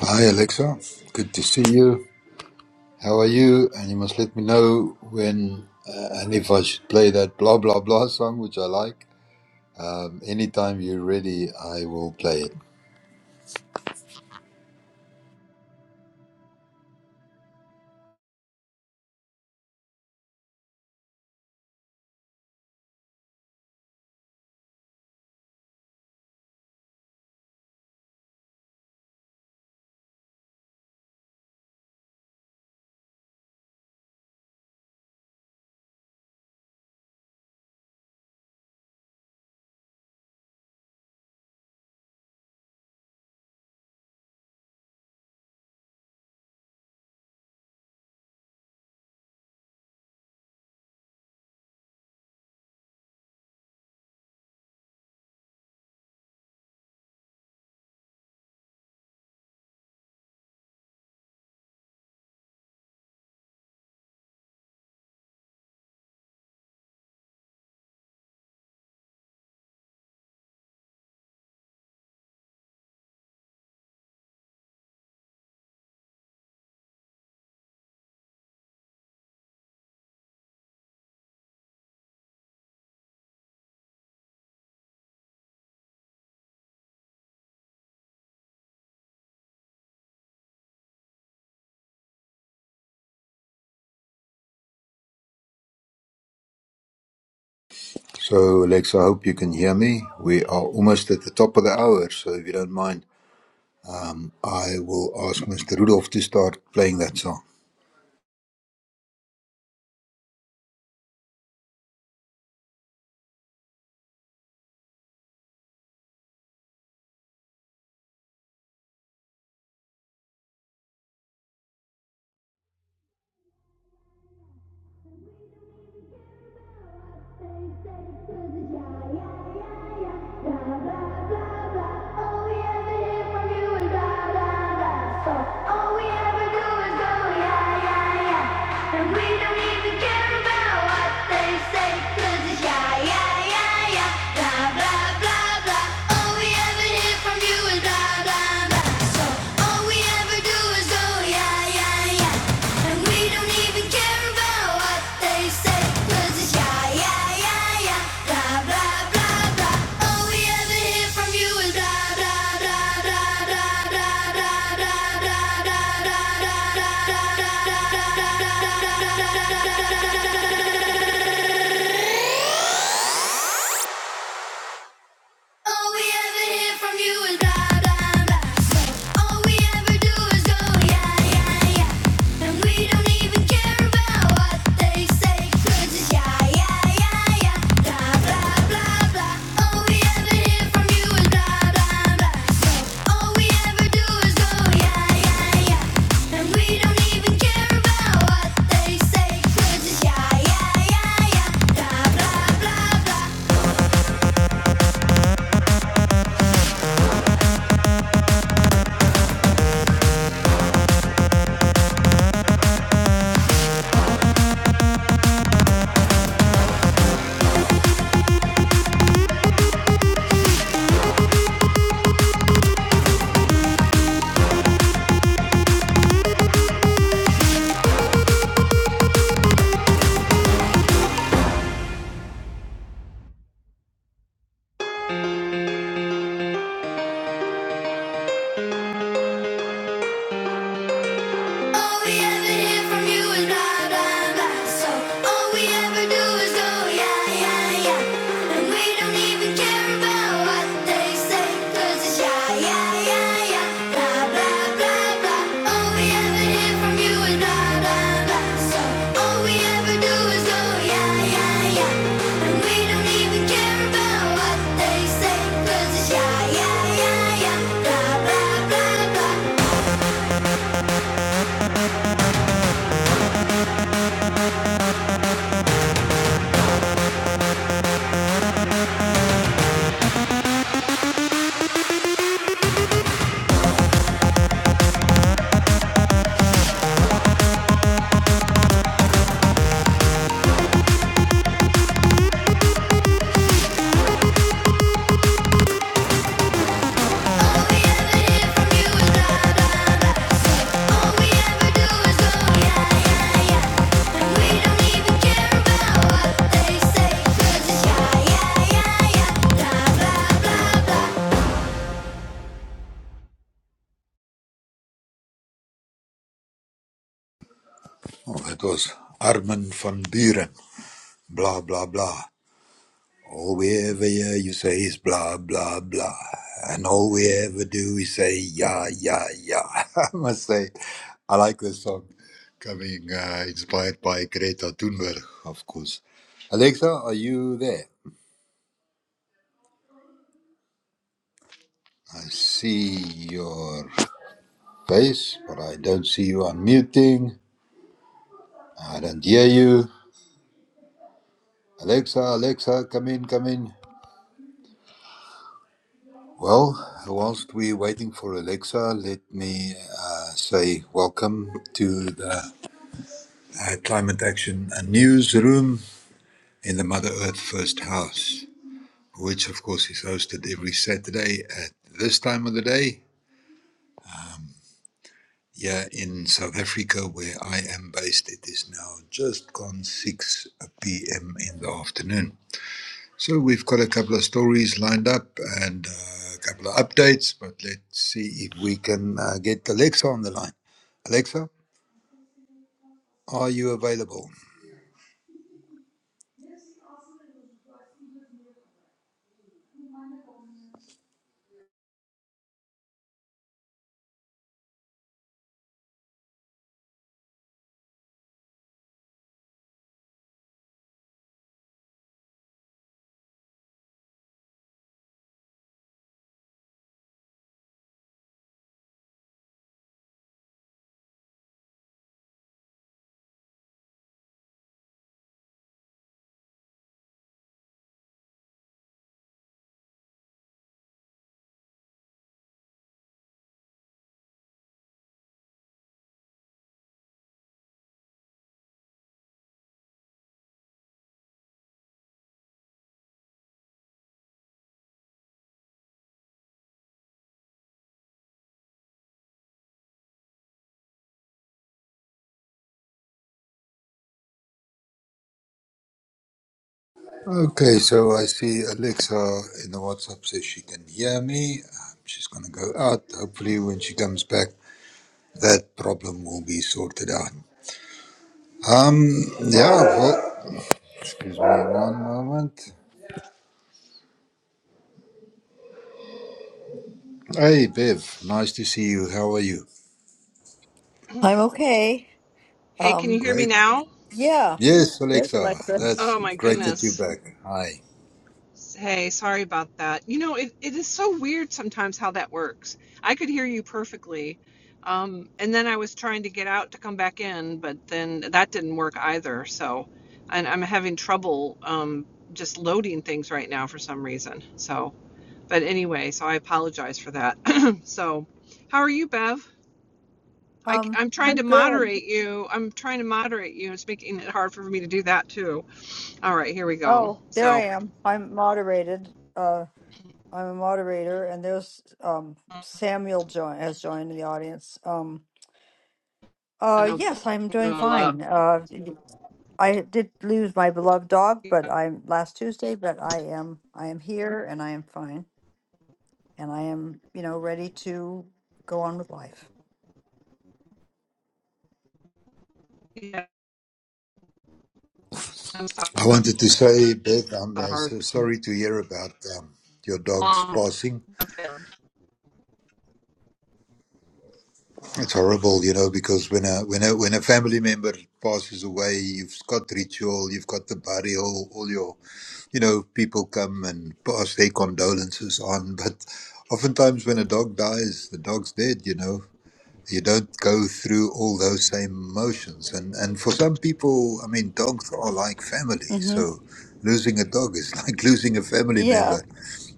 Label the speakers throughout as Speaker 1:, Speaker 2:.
Speaker 1: Hi, Alexa. Good to see you. How are you? And you must let me know when uh, and if I should play that blah blah blah song, which I like. Um, anytime you're ready, I will play it. So, Alexa, I hope you can hear me. We are almost at the top of the hour, so if you don't mind, I will ask Mr. Rudolph to start playing that song.
Speaker 2: Blah blah blah blah, oh yeah ever hear from you is blah, blah, blah. So all we ever do is go, yeah, yeah, yeah. And we don't even care about what they say. 'Cause it's yeah, yeah, yeah, yeah. Blah, blah, blah, blah. All we ever hear from you is blah, blah, blah, blah, blah, blah, blah, blah, blah, blah, blah, blah. All we ever hear from you is blah, blah, blah. So all we ever do is go, yeah, yeah, yeah. And we don't even care about what they say, 'cause it's yeah, yeah, yeah, yeah. Blah, blah, blah, blah. All we ever hear from you is blah, blah, blah. So all we ever do is go, yeah, yeah, yeah. And we don't even care about what they say, 'cause it's yeah, yeah, yeah, yeah. Blah, blah, blah, blah. All we ever hear from you is blah, blah, blah. So all we ever do is go, yeah, yeah, yeah. And we don't even care about what they say, 'cause it's yeah, yeah, yeah, yeah. Blah, blah, blah, blah. All we ever hear from you is blah, blah, blah. So all we ever do is go, yeah, yeah, yeah. And we don't even care about what they say, 'cause it's yeah, yeah, yeah, yeah. Blah, blah, blah, blah.
Speaker 1: Oh, that was Armin van Buren. Blah blah blah. All we ever hear you say is blah, blah, blah. And all we ever do is say, yeah, yeah, yeah. I must say, I like this song. Coming uh, inspired by Greta Thunberg, of course. Alexa, are you there? I see your face, but I don't see you unmuting. I don't hear you. Alexa, Alexa, come in, come in. Well, whilst we're waiting for Alexa, let me uh, say welcome to the uh, Climate Action and Newsroom in the Mother Earth First House, which of course is hosted every Saturday at this time of the day. Yeah, in South Africa, where I am based, it is now just gone 6 p.m. in the afternoon. So we've got a couple of stories lined up and uh, a couple of updates, but let's see if we can uh, get Alexa on the line. Alexa, are you available? Okay, so I see Alexa in the WhatsApp says she can hear me. Um, She's going to go out. Hopefully, when she comes back, that problem will be sorted out. Um, yeah, well, excuse me one moment. Hey, Bev, nice to see you. How are you?
Speaker 3: I'm okay.
Speaker 4: Hey, can you
Speaker 3: Um,
Speaker 4: hear me
Speaker 1: Great.
Speaker 4: now?
Speaker 3: yeah.
Speaker 1: Yes,
Speaker 3: There's
Speaker 1: Alexa,
Speaker 3: Alexa.
Speaker 1: that's
Speaker 4: Oh my
Speaker 1: great that you're
Speaker 4: goodness.
Speaker 1: back. Hi.
Speaker 4: Hey, sorry about that. You know, it, it is so weird sometimes how that works. I could hear you perfectly. Um, and then I was trying to get out to come back in, but then that didn't work either. So, and I'm having trouble um, just loading things right now for some reason. So, but anyway, so I apologize for that. so, how are you, Bev? I,
Speaker 3: Um,
Speaker 4: I'm trying to
Speaker 3: I'm good.
Speaker 4: moderate you. I'm trying to moderate you. It's making it hard for me to do that too. All right, here we go.
Speaker 3: Oh, there I
Speaker 4: So
Speaker 3: am. I'm moderated. Uh, I'm a moderator, and there's um
Speaker 4: I'm
Speaker 3: Samuel join has joined the audience. Um, uh,
Speaker 4: gonna
Speaker 3: yes,
Speaker 4: pull
Speaker 3: I'm doing
Speaker 4: up.
Speaker 3: fine. Uh, I did lose my beloved dog, but I'm last Tuesday. But I am I am here, and I am fine, and I am you know ready to go on with life.
Speaker 4: Yeah, I'm sorry.
Speaker 1: I wanted to
Speaker 4: That's
Speaker 1: say, Bev, I'm uh, so sorry to hear about um, your dog's passing. It's horrible, you know, because when a when a when a family member passes away, you've got ritual, you've got the burial, all your you know people come and pass their condolences on. But oftentimes, when a dog dies, the dog's dead. You know, you don't go through all those same emotions. And and for some people, I mean, dogs are like family.
Speaker 3: Mm-hmm.
Speaker 1: So losing a dog is like losing a family member.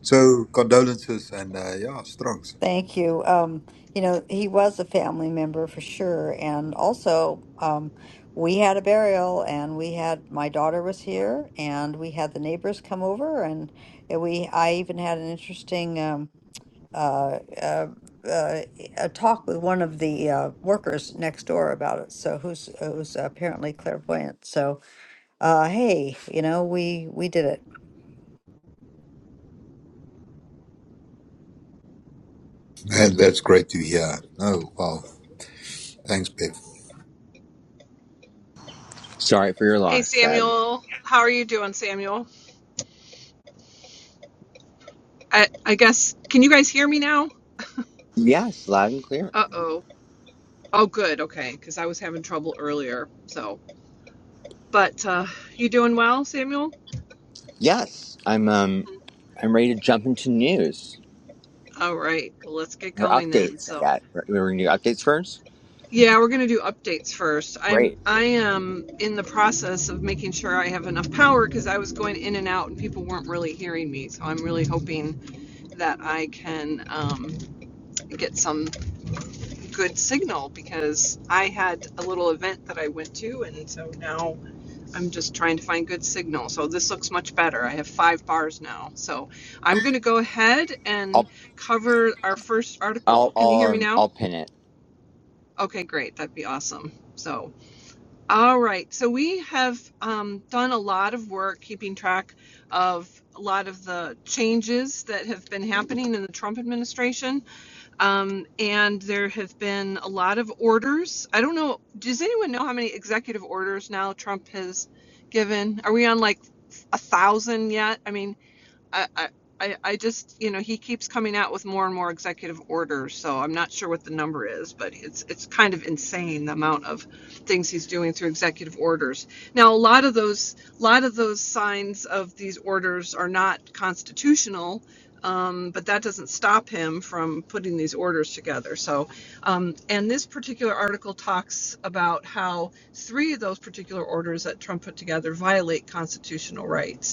Speaker 1: So condolences and uh, yeah, strongs.
Speaker 3: Thank you. Um, you know, he was a family member for sure. And also, um, we had a burial and we had my daughter was here and we had the neighbors come over and it- we I even had an interesting um uh, uh, uh a talk with one of the uh, workers next door about it. So who's who's apparently clairvoyant. So uh hey, you know, we we did it.
Speaker 1: And that's great to hear. Oh wow, thanks, Bev.
Speaker 5: Sorry for your
Speaker 4: Hey
Speaker 5: loss, Bev.
Speaker 4: Samuel, how are you doing, Samuel? I, I guess can you guys hear me now?
Speaker 5: Yes, loud and clear.
Speaker 4: Uh oh. Oh good, okay, because I was having trouble earlier. So, but uh, you doing well, Samuel?
Speaker 5: Yes, I'm um I'm ready to jump into news
Speaker 4: All right, well, let's get
Speaker 5: or
Speaker 4: going then.
Speaker 5: updates. I
Speaker 4: So.
Speaker 5: got we're gonna do updates first.
Speaker 4: Yeah, we're gonna do updates first. I'm
Speaker 5: Great.
Speaker 4: I am in the process of making sure I have enough power because I was going in and out and people weren't really hearing me. So I'm really hoping that I can um, get some good signal because I had a little event that I went to and so now I'm just trying to find good signal. So this looks much better. I have five bars now. So I'm gonna go ahead and
Speaker 5: I'll
Speaker 4: cover our first article.
Speaker 5: I'll
Speaker 4: Can
Speaker 5: I'll
Speaker 4: you hear me
Speaker 5: um,
Speaker 4: now?
Speaker 5: I'll pin it.
Speaker 4: Okay, great. That'd be awesome. So. All right. So we have um, done a lot of work keeping track of a lot of the changes that have been happening in the Trump administration. Um, and there have been a lot of orders. I don't know. Does anyone know how many executive orders now Trump has given? Are we on like a thousand yet? I mean, I, I, I just, you know, he keeps coming out with more and more executive orders, so I'm not sure what the number is, but it's it's kind of insane the amount of things he's doing through executive orders. Now, a lot of those, a lot of those signs of these orders are not constitutional, um, but that doesn't stop him from putting these orders together. So, um, and this particular article talks about how three of those particular orders that Trump put together violate constitutional rights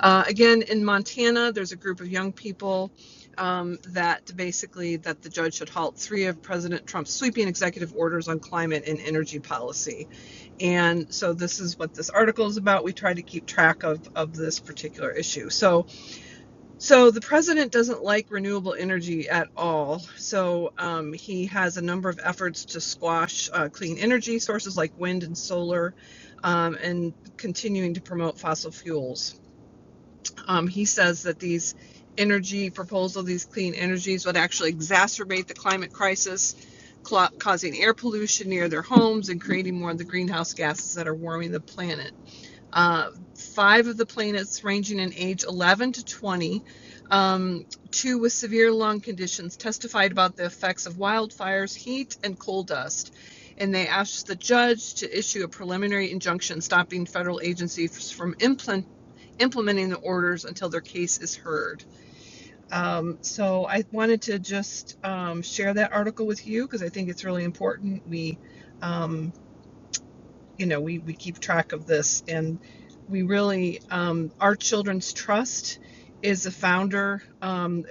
Speaker 4: uh, again, in Montana, there's a group of young people um, that basically that the judge should halt three of President Trump's sweeping executive orders on climate and energy policy. And so this is what this article is about. We try to keep track of, of this particular issue. So so the president doesn't like renewable energy at all. So um, he has a number of efforts to squash uh, clean energy sources like wind and solar um, and continuing to promote fossil fuels. Um, he says that these energy proposals, these clean energies, would actually exacerbate the climate crisis, causing air pollution near their homes and creating more of the greenhouse gases that are warming the planet. Uh, five of the planets, ranging in age 11 to 20, um, two with severe lung conditions, testified about the effects of wildfires, heat, and coal dust. And they asked the judge to issue a preliminary injunction stopping federal agencies from implementing implementing the orders until their case is heard. Um, so I wanted to just um, share that article with you because I think it's really important. We um, you know we, we keep track of this and we really um, our children's trust is a founder um,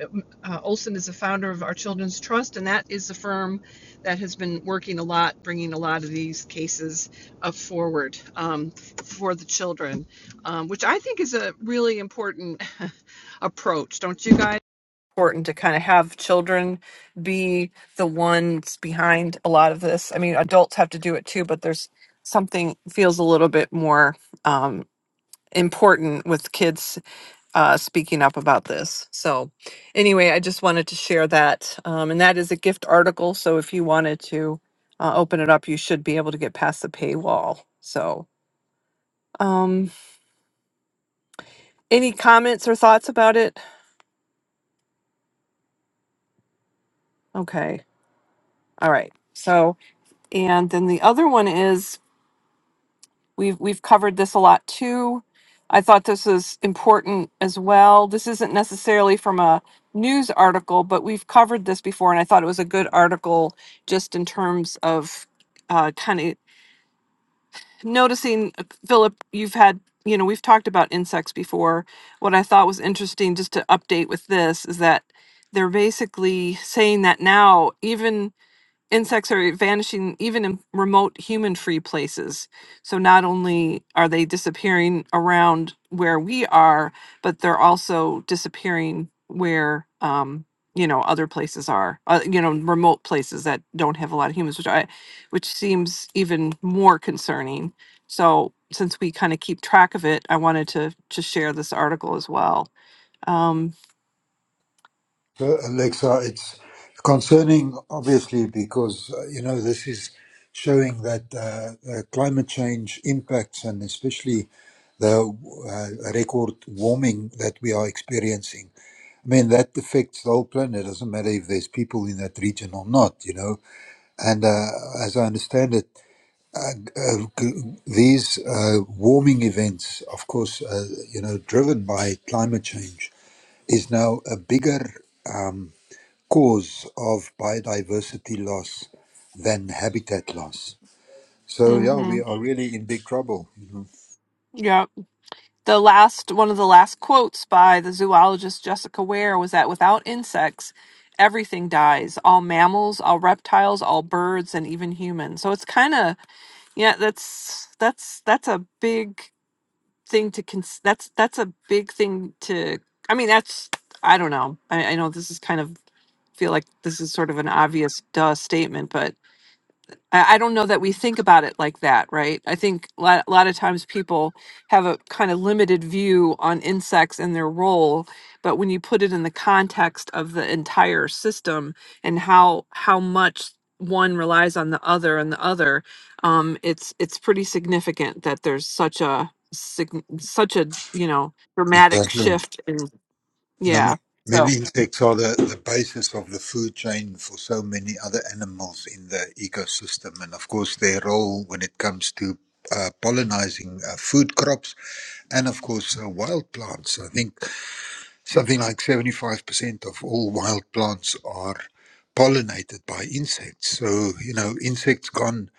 Speaker 4: uh, olson is a founder of our children's trust and that is a firm that has been working a lot bringing a lot of these cases up forward um, for the children um, which i think is a really important approach don't you guys important to kind of have children be the ones behind a lot of this. I mean, adults have to do it too, but there's something feels a little bit more um, important with kids uh, speaking up about this. So, anyway, I just wanted to share that. Um, and that is a gift article. So, if you wanted to uh, open it up, you should be able to get past the paywall. So, um, any comments or thoughts about it? Okay. All right. So, and then the other one is We've we've covered this a lot too. I thought this was important as well. This isn't necessarily from a news article, but we've covered this before, and I thought it was a good article just in terms of uh, kind of noticing. uh, Philip, you've had you know we've talked about insects before. What I thought was interesting, just to update with this, is that they're basically saying that now even Insects are vanishing even in remote human free places. So not only are they disappearing around where we are, but they're also disappearing where um, you know other places are. Uh, you know, remote places that don't have a lot of humans, which I, which seems even more concerning. So since we kind of keep track of it, I wanted to to share this article as well. Um,
Speaker 1: Uh, Alexa, it's concerning, obviously, because uh, you know this is showing that uh, uh, climate change impacts, and especially the uh, record warming that we are experiencing. I mean, that affects the whole planet. It doesn't matter if there's people in that region or not, you know. And uh, as I understand it, uh, uh, g- these uh, warming events, of course, uh, you know, driven by climate change, is now a bigger. um, cause of biodiversity loss than habitat loss. So yeah, we
Speaker 4: Mhm.
Speaker 1: are really in big trouble.
Speaker 4: Yep. The last one of the last quotes by the zoologist Jessica Ware was that without insects, everything dies. All mammals, all reptiles, all birds, and even humans. So it's kind of yeah. That's that's that's a big thing to cons. That's that's a big thing to. I mean, that's I don't know. I, I know this is kind of feel like this is sort of an obvious duh statement, but I, I don't know that we think about it like that, right? I think a lot, a lot of times people have a kind of limited view on insects and their role, but when you put it in the context of the entire system and how how much one relies on the other and the other, um, it's it's pretty significant that there's such a sig- such a you know dramatic
Speaker 1: Exactly.
Speaker 4: shift in
Speaker 1: No, ma-
Speaker 4: yeah. so.
Speaker 1: many insects are the, the basis of the food chain for so many other animals in the ecosystem. And of course, their role when it comes to uh, pollinizing uh, food crops and, of course, uh, wild plants. I think Something like 75% of all wild plants are pollinated by insects. So, you know, insects gone,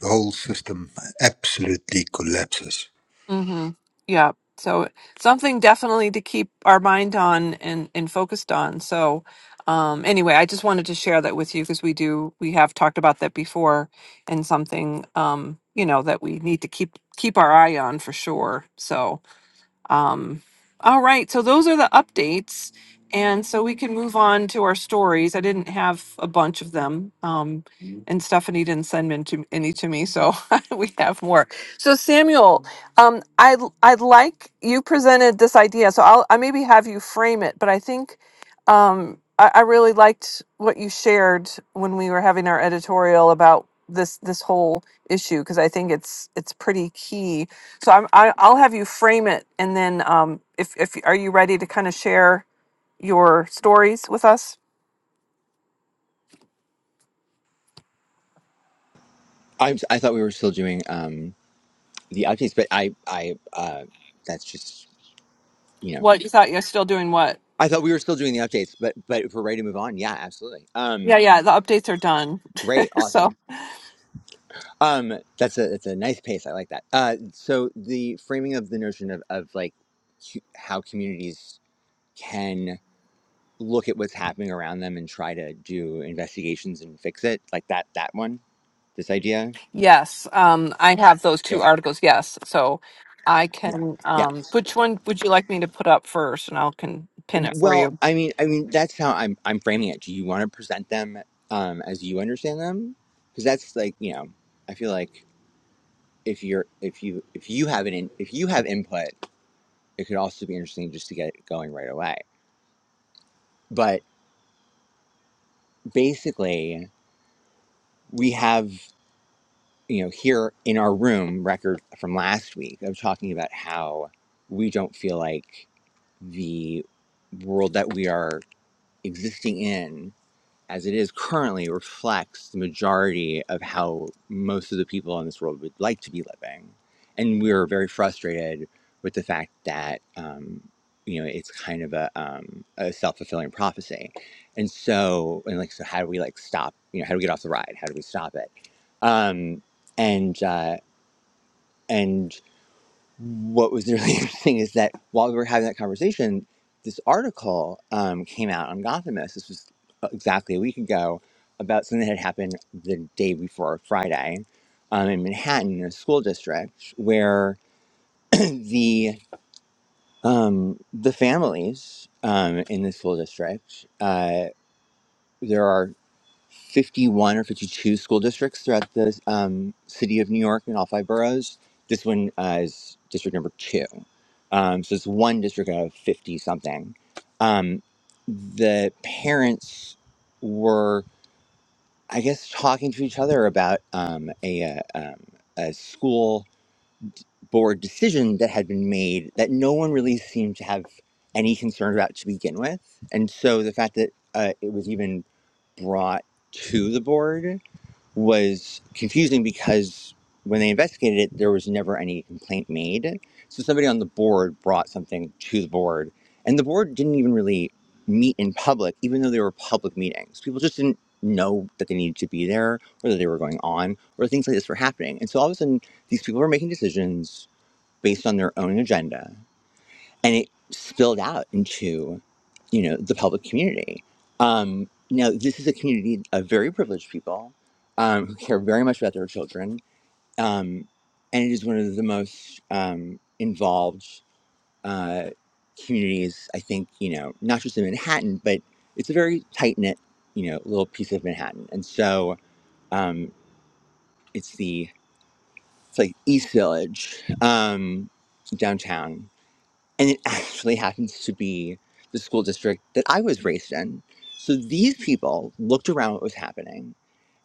Speaker 1: the whole system absolutely collapses.
Speaker 4: Mm-hmm. Yeah. So something definitely to keep our mind on and, and focused on. So, um, anyway, I just wanted to share that with you because we do, we have talked about that before and something, um, you know, that we need to keep, keep our eye on for sure. So, um, all right, so those are the updates. And so we can move on to our stories. I didn't have a bunch of them, um, Mhm. and Stephanie didn't send them to, any to me, so we have more. So Samuel, um, I I'd like you presented this idea, so I'll I maybe have you frame it, but I think um, I, I really liked what you shared when we were having our editorial about this this whole issue because I think it's it's pretty key so I'm, I, I'll have you frame it, and then um, if if are you ready to kind of share your stories with us?
Speaker 5: I I thought we were still doing um the updates, but I I uh that's just you know
Speaker 4: What you thought you're still doing? What?
Speaker 5: I thought we were still doing the updates, but but if we're ready to move on, yeah, absolutely. Um,
Speaker 4: Yeah, yeah. The updates are done.
Speaker 5: great, awesome.
Speaker 4: So
Speaker 5: Um, that's a that's a nice pace. I like that. Uh, so the framing of the notion of of like cu- how communities can look at what's happening around them and try to do investigations and fix it like that that one this idea
Speaker 4: yes, um, I have those two
Speaker 5: yeah
Speaker 4: articles. Yes, so I
Speaker 5: yeah
Speaker 4: can.
Speaker 5: yeah
Speaker 4: Um, which one would you like me to put up first, and I will can pin it for
Speaker 5: well
Speaker 4: you.
Speaker 5: i mean i mean that's how i'm i'm framing it do you want to present them um as you understand them because that's like you know i feel like if you're if you if you have an in, if you have input it could also be interesting just to get it going right away but basically we have you know, here in our room record from last week of talking about how we don't feel like the world that we are existing in as it is currently reflects the majority of how most of the people in this world would like to be living. And we are very frustrated with the fact that, um, you know, it's kind of a, um, a self-fulfilling prophecy. And so, and like, so how do we like stop, you know, how do we get off the ride? How do we stop it? Um, and, uh, and what was really interesting is that while we were having that conversation, this article um, came out on Gothamist. This was uh, exactly a week ago about something that had happened the day before Friday um, in Manhattan, in a school district, where the um, the families um, in the school district. Uh, there are 51 or 52 school districts throughout the um, city of New York in all five boroughs. This one uh, is district number two. Um, so it's one district out of 50 something. Um, the parents were, I guess, talking to each other about um, a, uh, um, a school board decision that had been made that no one really seemed to have any concern about to begin with. And so the fact that uh, it was even brought to the board was confusing because when they investigated it, there was never any complaint made. So somebody on the board brought something to the board, and the board didn't even really meet in public, even though they were public meetings. People just didn't know that they needed to be there, or that they were going on, or things like this were happening. And so all of a sudden, these people were making decisions based on their own agenda and it spilled out into you know the public community um, now this is a community of very privileged people um, who care very much about their children um, and it is one of the most um, involved uh, communities i think you know not just in manhattan but it's a very tight knit you know little piece of manhattan and so um, it's the it's like east village um, downtown and it actually happens to be the school district that I was raised in. So these people looked around what was happening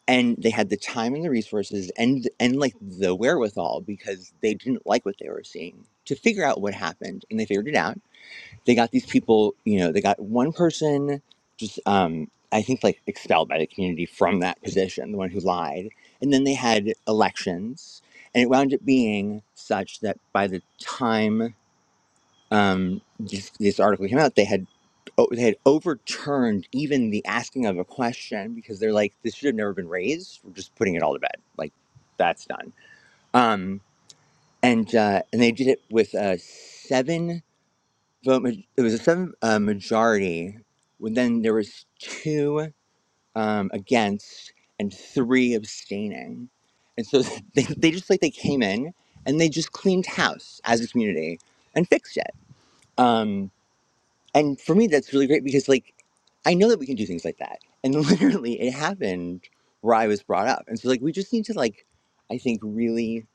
Speaker 5: and they had the time and the resources and and like the wherewithal because they didn't like what they were seeing to figure out what happened and they figured it out. They got these people, you know, they got one person just um I think like expelled by the community from that position, the one who lied. And then they had elections and it wound up being such that by the time um, this, this article came out, they had oh, they had overturned even the asking of a question because they're like, this should have never been raised. We're just putting it all to bed. Like that's done. Um, and uh, and they did it with a seven vote. ma- It was a seven uh, majority. When then there was two um, against and three abstaining, and so they, they just like they came in and they just cleaned house as a community and fixed it. Um. And for me, that's really great because, like, I know that we can do things like that. And literally, it happened where I was brought up. And so, like, we just need to, like, I think, really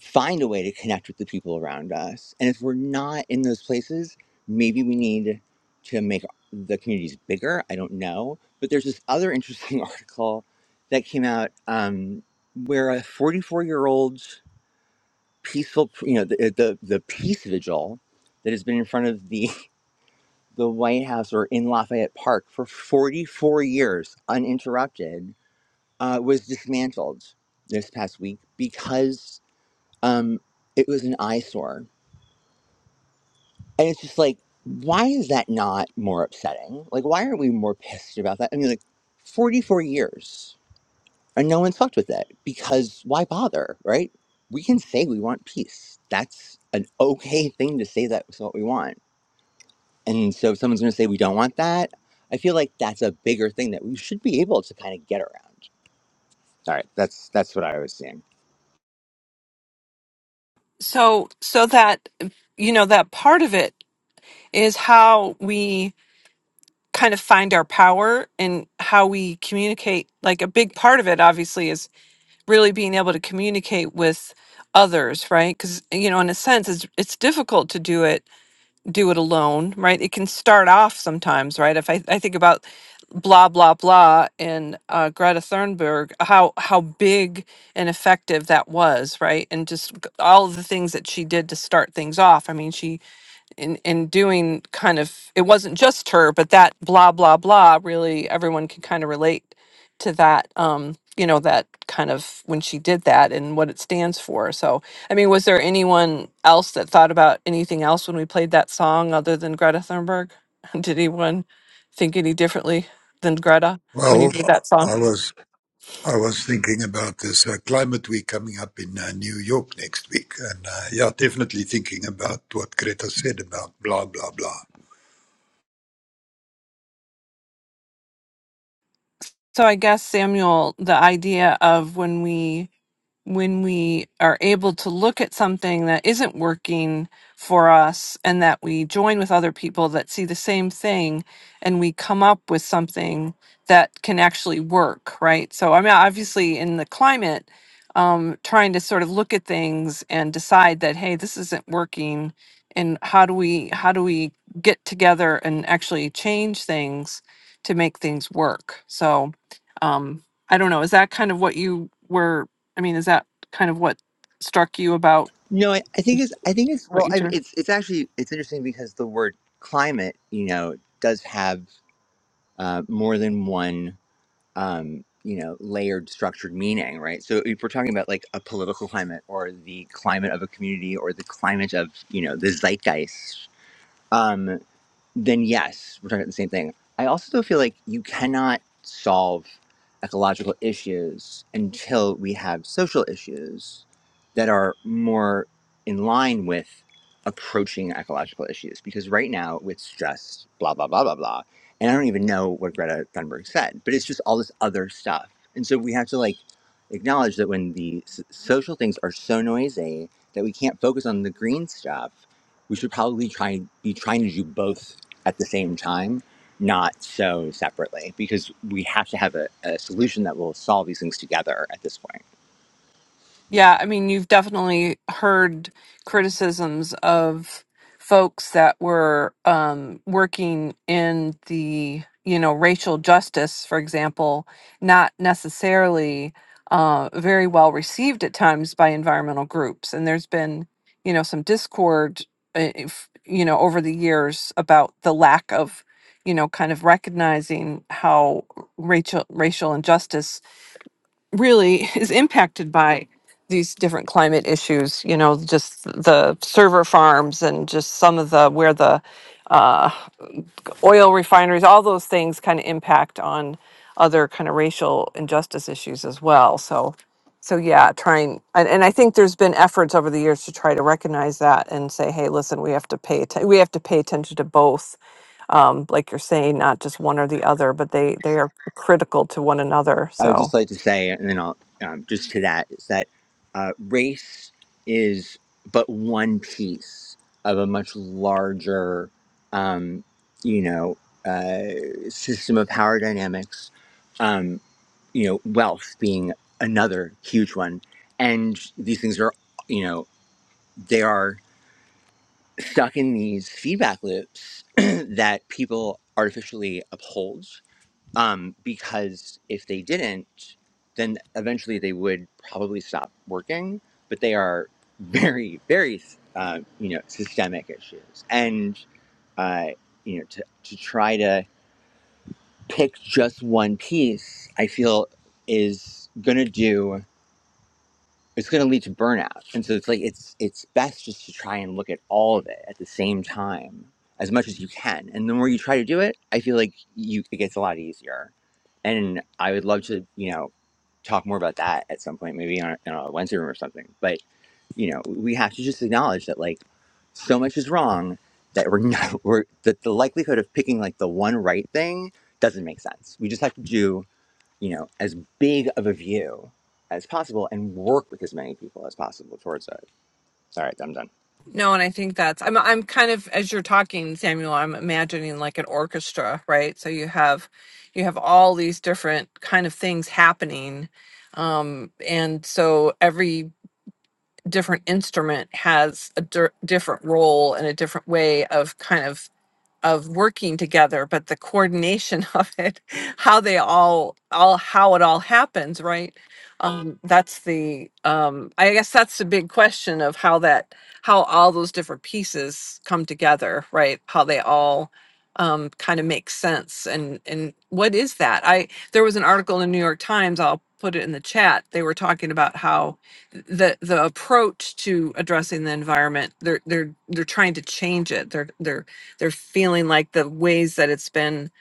Speaker 5: find a way to connect with the people around us. And if we're not in those places, maybe we need to make the communities bigger. I don't know. But there's this other interesting article that came out um, where a 44 year old peaceful, you know, the, the, the peace vigil that has been in front of the the White House or in Lafayette Park for 44 years uninterrupted uh, was dismantled this past week because um, it was an eyesore. And it's just like, why is that not more upsetting? Like, why aren't we more pissed about that? I mean, like, 44 years and no one's fucked with it because why bother, right? We can say we want peace. That's an okay thing to say that's what we want And so if someone's going to say we don't want that, I feel like that's a bigger thing that we should be able to kind of get around. All right, that's that's what I was seeing.
Speaker 4: So so that you know that part of it is how we kind of find our power and how we communicate like a big part of it obviously really being able to communicate with others right because you know in a sense it's it's difficult to do it do it alone right it can start off sometimes right if i, I think about blah blah blah and uh, greta thunberg how how big and effective that was right and just g- all of the things that she did to start things off i mean she in in doing kind of it wasn't just her but that blah blah blah really everyone can kind of relate to that um you know that kind of when she did that and what it stands for so i mean was there anyone else that thought about anything else when we played that song other than greta thunberg did anyone think any differently than greta when you
Speaker 1: Well,
Speaker 4: heard that song
Speaker 1: I was I was thinking about this uh, climate week coming up in uh, New York next week, and uh, yeah, definitely thinking about what Greta said about blah blah blah.
Speaker 4: so i guess samuel the idea of when we when we are able to look at something that isn't working for us and that we join with other people that see the same thing and we come up with something that can actually work right so i mean obviously in the climate um, trying to sort of look at things and decide that hey this isn't working and how do we how do we get together and actually change things to make things work so um, i don't know is that kind of what you were I mean, is that kind of what struck you about
Speaker 5: No, I, I think it's I think it's
Speaker 4: what
Speaker 5: well,
Speaker 4: you
Speaker 5: I,
Speaker 4: do?
Speaker 5: it's it's actually it's interesting because the word climate, you know, does have uh, more than one um, you know, layered, structured meaning, right? So if we're talking about like a political climate or the climate of a community or the climate of, you know, the zeitgeist, um, then yes, we're talking about the same thing. I also though feel like you cannot solve ecological issues until we have social issues that are more in line with approaching ecological issues. Because right now it's just blah blah blah blah blah, and I don't even know what Greta Thunberg said, but it's just all this other stuff. And so we have to like acknowledge that when the s- social things are so noisy that we can't focus on the green stuff, we should probably try be trying to do both at the same time, not so separately, because we have to have a, a solution that will solve these things together at this point.
Speaker 4: Yeah, I mean, you've definitely heard criticisms of folks that were um, working in the, you know, racial justice, for example, not necessarily uh, very well received at times by environmental groups. And there's been, you know, some discord, uh, if, you know, over the years about the lack of, you know, kind of recognizing how racial racial injustice really is impacted by these different climate issues you know just the server farms and just some of the where the uh, oil refineries all those things kind of impact on other kind of racial injustice issues as well so so yeah trying and, and i think there's been efforts over the years to try to recognize that and say hey listen we have to pay atten- we have to pay attention to both um, like you're saying not just one or the other but they they are critical to one another
Speaker 5: I would
Speaker 4: so
Speaker 5: just like to say, and then I'll um, just to that, is that uh, race is but one piece of a much larger, um, you know, uh, system of power dynamics. Um, you know, wealth being another huge one, and these things are, you know, they are. stuck in these feedback loops that people artificially uphold um, because if they didn't then eventually they would probably stop working but they are very very uh, you know systemic issues and uh, you know to, to try to pick just one piece i feel is going to do it's going to lead to burnout and so it's like it's it's best just to try and look at all of it at the same time as much as you can and the more you try to do it i feel like you it gets a lot easier and i would love to you know talk more about that at some point maybe on, a- on a wednesday room or something but you know we have to just acknowledge that like so much is wrong that we're not we're that the likelihood of picking like the one right thing doesn't make sense we just have to do you know, as big of a view as possible and work with as many people as possible towards it. Sorry, I'm done.
Speaker 4: No, and I think that's I'm I'm kind of as you're talking, Samuel, I'm imagining like an orchestra, right? So you have you have all these different kind of things happening. Um and so every different instrument has a dir- different role and a different way of kind of of working together, but the coordination of it, how they all all how it all happens, right? Um, that's the um, I guess that's the big question of how that how all those different pieces come together, right? How they all um, kind of make sense and and what is that? I there was an article in the New York Times. I'll put it in the chat. They were talking about how the the approach to addressing the environment they're they're they're trying to change it. They're they're they're feeling like the ways that it's been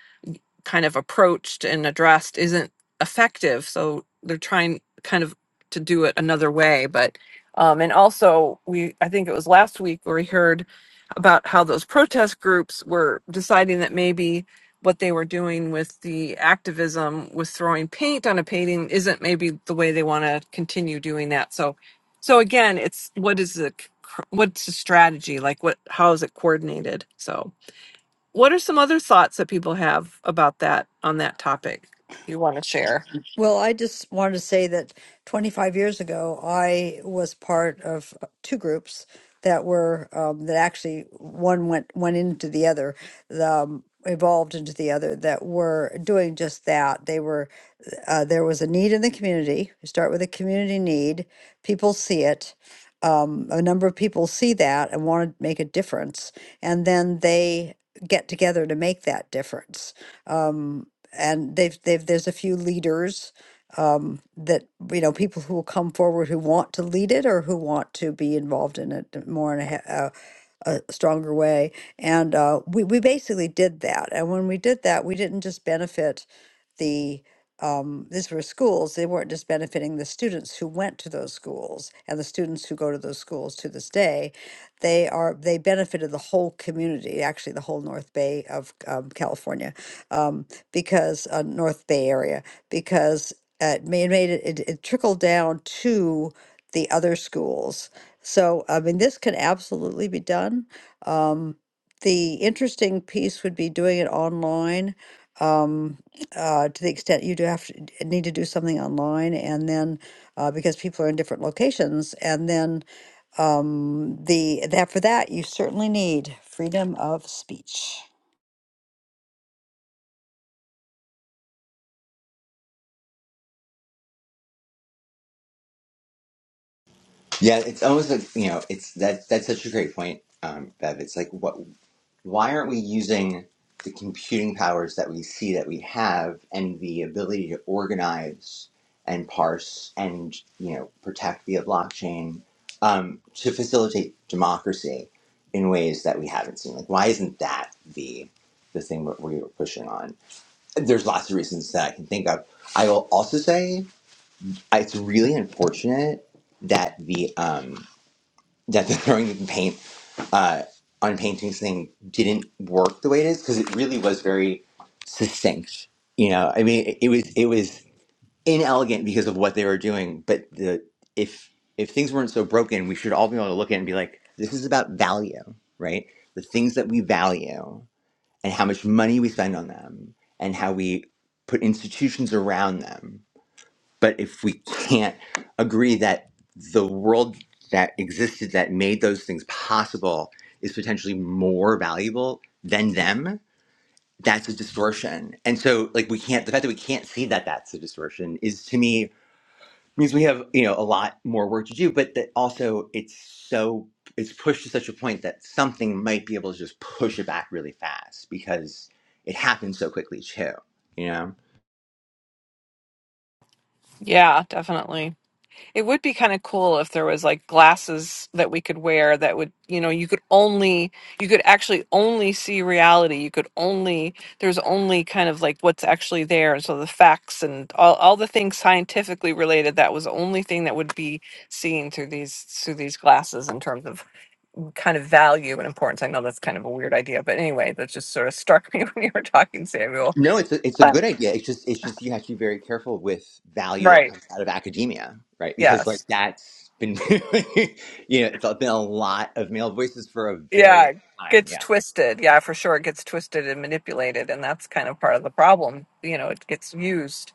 Speaker 4: kind of approached and addressed isn't effective so they're trying kind of to do it another way but um and also we i think it was last week where we heard about how those protest groups were deciding that maybe what they were doing with the activism with throwing paint on a painting isn't maybe the way they want to continue doing that so so again it's what is the what's the strategy like what how is it coordinated so what are some other thoughts that people have about that on that topic you want to share?
Speaker 3: Well, I just wanted to say that 25 years ago, I was part of two groups that were um, that actually one went went into the other, the, um, evolved into the other that were doing just that. They were uh, there was a need in the community. We start with a community need. People see it. Um, a number of people see that and want to make a difference, and then they get together to make that difference. Um, and they've, they've there's a few leaders um, that you know people who will come forward who want to lead it or who want to be involved in it more in a, uh, a stronger way. And uh, we, we basically did that. And when we did that, we didn't just benefit the, um, these were schools, they weren't just benefiting the students who went to those schools and the students who go to those schools to this day. They are, they benefited the whole community, actually the whole North Bay of um, California, um, because, uh, North Bay area, because uh, it made made it, it, it trickled down to the other schools so, I mean, this could absolutely be done. Um, the interesting piece would be doing it online um, uh, to the extent you do have to d- need to do something online, and then uh, because people are in different locations, and then um, the that for that you certainly need freedom of speech.
Speaker 5: Yeah, it's almost like, you know, it's that that's such a great point, um, Bev. It's like what why aren't we using the computing powers that we see that we have and the ability to organize and parse and, you know, protect via blockchain um, to facilitate democracy in ways that we haven't seen. Like why isn't that the the thing that we're pushing on? there's lots of reasons that I can think of. I will also say uh, it's really unfortunate that the um, that the throwing the paint uh, on paintings thing didn't work the way it is because it really was very succinct. You know, I mean, it, it was it was inelegant because of what they were doing. But the if if things weren't so broken, we should all be able to look at it and be like, this is about value, right? The things that we value and how much money we spend on them and how we put institutions around them. But if we can't agree that the world that existed that made those things possible is potentially more valuable than them, that's a distortion. And so, like, we can't, the fact that we can't see that that's a distortion is to me means we have you know a lot more work to do but that also it's so it's pushed to such a point that something might be able to just push it back really fast because it happens so quickly too you know
Speaker 4: Yeah, definitely. It would be kind of cool if there was like glasses that we could wear that would, you know, you could only, you could actually only see reality. You could only, there's only kind of like what's actually there. So the facts and all, all the things scientifically related, that was the only thing that would be seen through these, through these glasses in terms of kind of value and importance. I know that's kind of a weird idea, but anyway, that just sort of struck me when you were talking, Samuel.
Speaker 5: no it's a, it's a
Speaker 4: Um,
Speaker 5: good idea it's just it's just you have to be very careful with value that
Speaker 4: right.
Speaker 5: comes out of academia right because like
Speaker 4: Yes.
Speaker 5: that's been you know it's been a lot of male voices for a very
Speaker 4: Yeah. it
Speaker 5: long time
Speaker 4: Gets
Speaker 5: yeah
Speaker 4: twisted. Yeah, for sure. It gets twisted and manipulated. And that's kind of part of the problem. You know, it gets used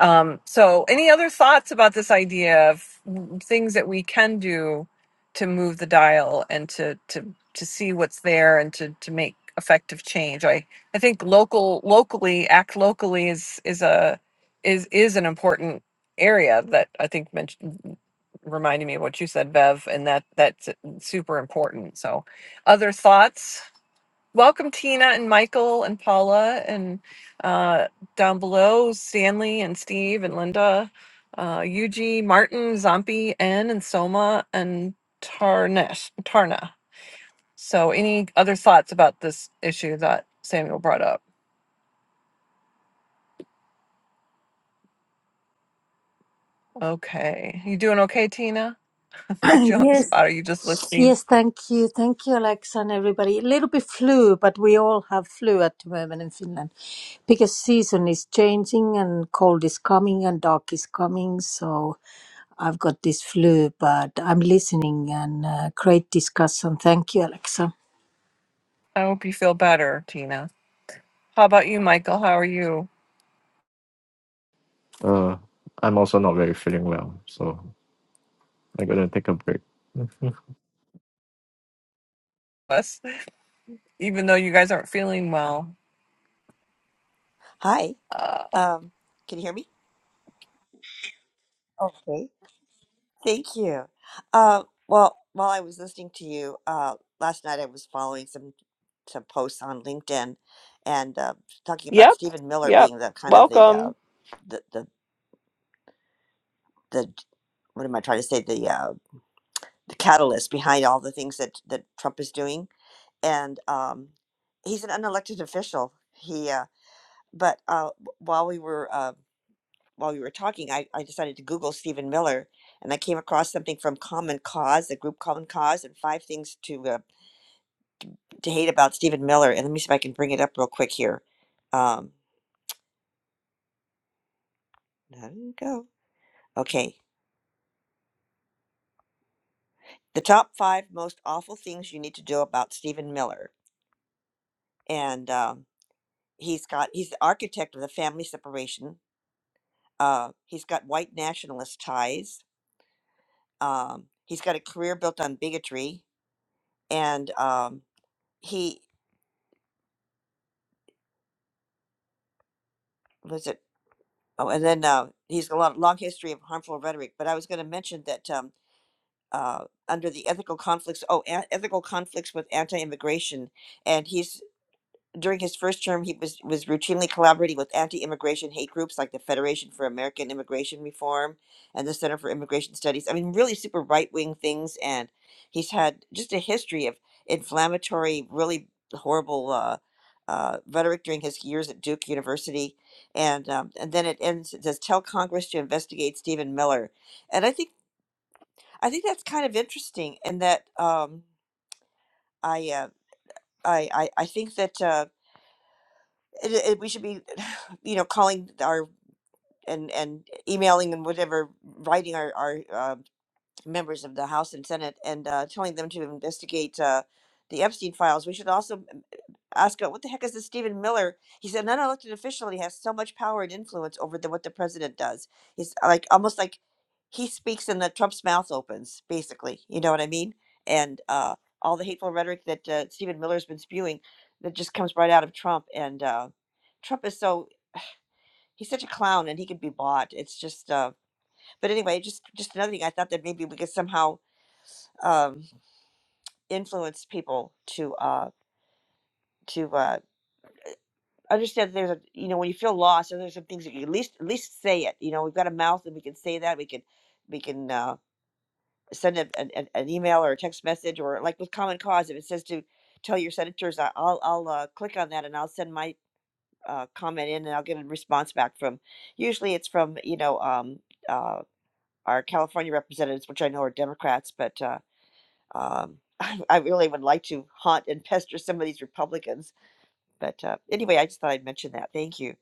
Speaker 4: Um, so, any other thoughts about this idea of things that we can do to move the dial and to to to see what's there and to to make effective change? I I think local locally act locally is is a is is an important area that I think mentioned reminding me of what you said, Bev, and that that's super important. So, other thoughts? Welcome, Tina and Michael and Paula, and uh, down below, Stanley and Steve and Linda, uh, Yuji, Martin, Zombie, N, and Soma, and Tarnesh, Tarna. So, any other thoughts about this issue that Samuel brought up? Okay. You doing okay, Tina? put you on the
Speaker 6: Yes,
Speaker 4: spot. Are you just listening?
Speaker 6: yes, thank you. Thank you, Alexa, and everybody. A little bit flu, but we all have flu at the moment in Finland because season is changing and cold is coming and dark is coming. So I've got this flu, but I'm listening and uh, great discussion. Thank you, Alexa.
Speaker 4: I hope you feel better, Tina. How about you, Michael? How are you?
Speaker 7: Uh, I'm also not very feeling well, so I'm gonna take a break.
Speaker 4: Us, even though you guys aren't feeling well.
Speaker 8: Hi.
Speaker 4: Uh,
Speaker 8: Um, can you hear me? Okay. Thank you. Uh, well, while I was listening to you uh, last night, I was following some some posts on LinkedIn and uh, talking about
Speaker 4: Yep.
Speaker 8: Stephen Miller
Speaker 4: Yep.
Speaker 8: being the kind of the uh,
Speaker 4: Welcome.
Speaker 8: the the the what am I trying to say the uh, the catalyst behind all the things that that Trump is doing, and um, he's an unelected official. He uh, but uh, w- while we were uh, while we were talking, I, I decided to Google Stephen Miller, and I came across something from Common Cause, the group Common Cause, and five things to uh, to hate about Stephen Miller. And let me see if I can bring it up real quick here. Um, there we go. Okay, the top five most awful things you need to do about Stephen Miller, and um, he's got he's the architect of the family separation. Uh, he's got white nationalist ties. Um, he's got a career built on bigotry, and um, he was it. Oh, and then uh, he's a lot, long history of harmful rhetoric. But I was going to mention that um, uh, under the ethical conflicts, oh, a- ethical conflicts with anti-immigration, and he's during his first term, he was, was routinely collaborating with anti immigration hate groups like the Federation for American Immigration Reform and the Center for Immigration Studies. I mean, really super right wing things. And he's had just a history of inflammatory, really horrible uh, uh, rhetoric during his years at Duke University. And, um, and then it ends, it says, tell Congress to investigate Stephen Miller. And I think, I think that's kind of interesting in that um, I, uh, I, I, I think that. Uh, it, it, we should be you know calling our and and emailing and whatever writing our our uh, members of the House and Senate and uh, telling them to investigate uh, the Epstein files. We should also um, ask uh, what the heck is this Stephen Miller? He's an unelected official. and He has so much power and influence over the, what the president does. He's uh, like almost like he speaks and the Trump's mouth opens, basically. You know what I mean? And uh, all the hateful rhetoric that uh, Stephen Miller's been spewing that just comes right out of Trump and. Uh, Trump is so he's such a clown and he can be bought it's just uh but anyway just just another thing i thought that maybe we could somehow um influence people to uh to uh understand that there's a you know when you feel lost and there's some things that you at least at least say it you know we've got a mouth and we can say that we can we can uh send a, an, an an email or a text message or like with common cause if it says to tell your senators I- i'll i'll uh, click on that and i'll send my uh, comment in and i'll get a response back from usually it's from you know um uh, our California representatives, which I know are Democrats, but uh, um, I I really would like to haunt and pester some of these Republicans. But uh, anyway, I just thought I'd mention that. Thank you.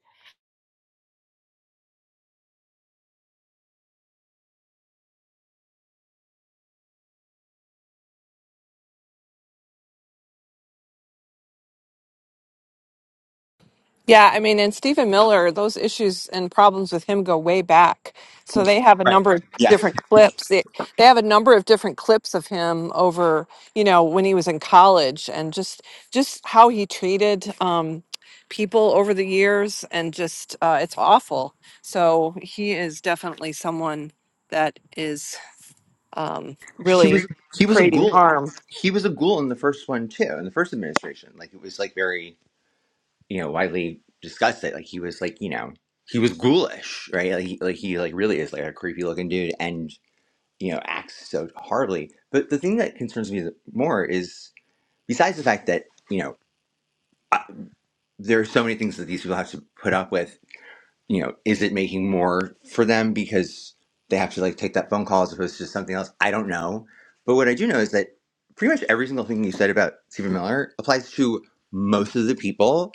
Speaker 4: Yeah, I mean, and Stephen Miller, those issues and problems with him go way back. So they have a
Speaker 5: right
Speaker 4: number of
Speaker 5: Yeah.
Speaker 4: different clips. They, they have a number of different clips of him over, you know, when he was in college and just just how he treated um, people over the years and just uh, it's awful. So he is definitely someone that is um,
Speaker 5: he
Speaker 4: really
Speaker 5: was he was a
Speaker 4: creating
Speaker 5: ghoul
Speaker 4: harm.
Speaker 5: he was a ghoul in the first one too in the first administration like it was like very you know widely discussed that like he was like you know he was ghoulish right like he, like he like really is like a creepy looking dude and you know acts so horribly but the thing that concerns me more is besides the fact that you know I- there are so many things that these people have to put up with you know, is it making more for them because they have to like take that phone call as opposed to something else? I don't know. But what I do know is that pretty much every single thing you said about Stephen Miller applies to most of the people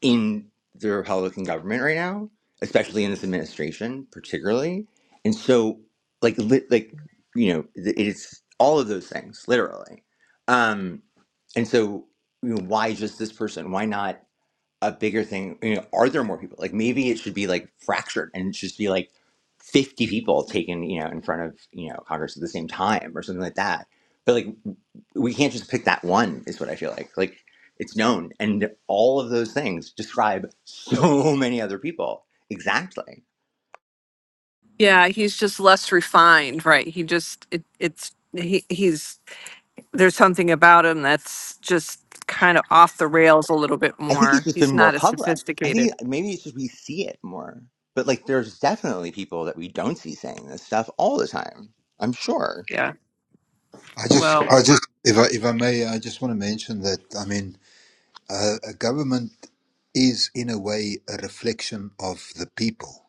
Speaker 5: in the Republican government right now, especially in this administration, particularly. And so, like, lit like you know, th- it's all of those things, literally. Um, and so, you know, why just this person? Why not? a bigger thing you know are there more people like maybe it should be like fractured and it should just be like 50 people taken you know in front of you know congress at the same time or something like that but like we can't just pick that one is what i feel like like it's known and all of those things describe so many other people exactly
Speaker 4: Yeah, he's just less refined, right? He just it, it's he he's there's something about him that's just kind of off the rails a little bit
Speaker 5: i think it's
Speaker 4: more.
Speaker 5: just been
Speaker 4: He's
Speaker 5: more
Speaker 4: not as
Speaker 5: public i think
Speaker 4: sophisticated.
Speaker 5: maybe it's just we see it more but like there's definitely people that we don't see saying this stuff all the time i'm sure
Speaker 4: Yeah.
Speaker 1: I just,
Speaker 4: Well,
Speaker 1: I just, if I, if I may, I just want to mention that. I mean, Uh, a government is, in a way, a reflection of the people.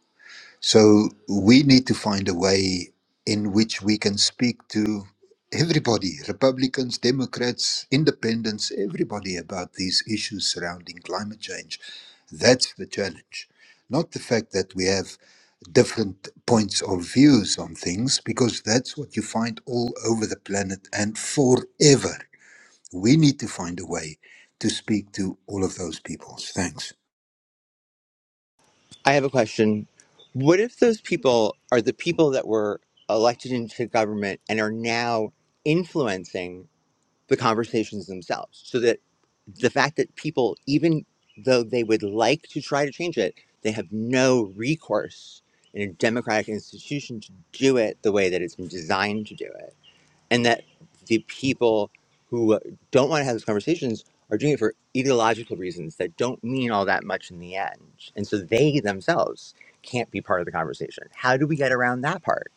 Speaker 1: So we need to find a way in which we can speak to everybody Republicans, Democrats, independents, everybody about these issues surrounding climate change. That's the challenge. Not the fact that we have different points of views on things, because that's what you find all over the planet and forever. We need to find a way to speak to all of those peoples. Thanks.
Speaker 5: I have a question. What if those people are the people that were elected into government and are now influencing the conversations themselves? So that the fact that people, even though they would like to try to change it, they have no recourse in a democratic institution to do it the way that it's been designed to do it and that the people who uh, don't want to have those conversations are doing it for ideological reasons that don't mean all that much in the end. And so they themselves can't be part of the conversation. How do we get around that part?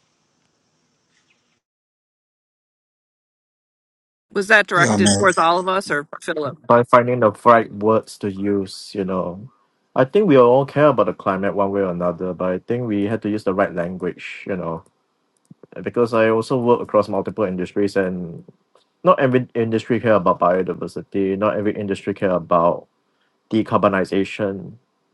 Speaker 4: was that
Speaker 1: Yeah, Mm.
Speaker 4: directed
Speaker 1: no.
Speaker 4: towards all of us or Philip?
Speaker 7: By finding the right words to use, you know, I think we all care about the climate one way or another, but I think we had to use the right language, you know, because I also work across multiple industries, and not every industry care about biodiversity, not every industry care about decarbonization,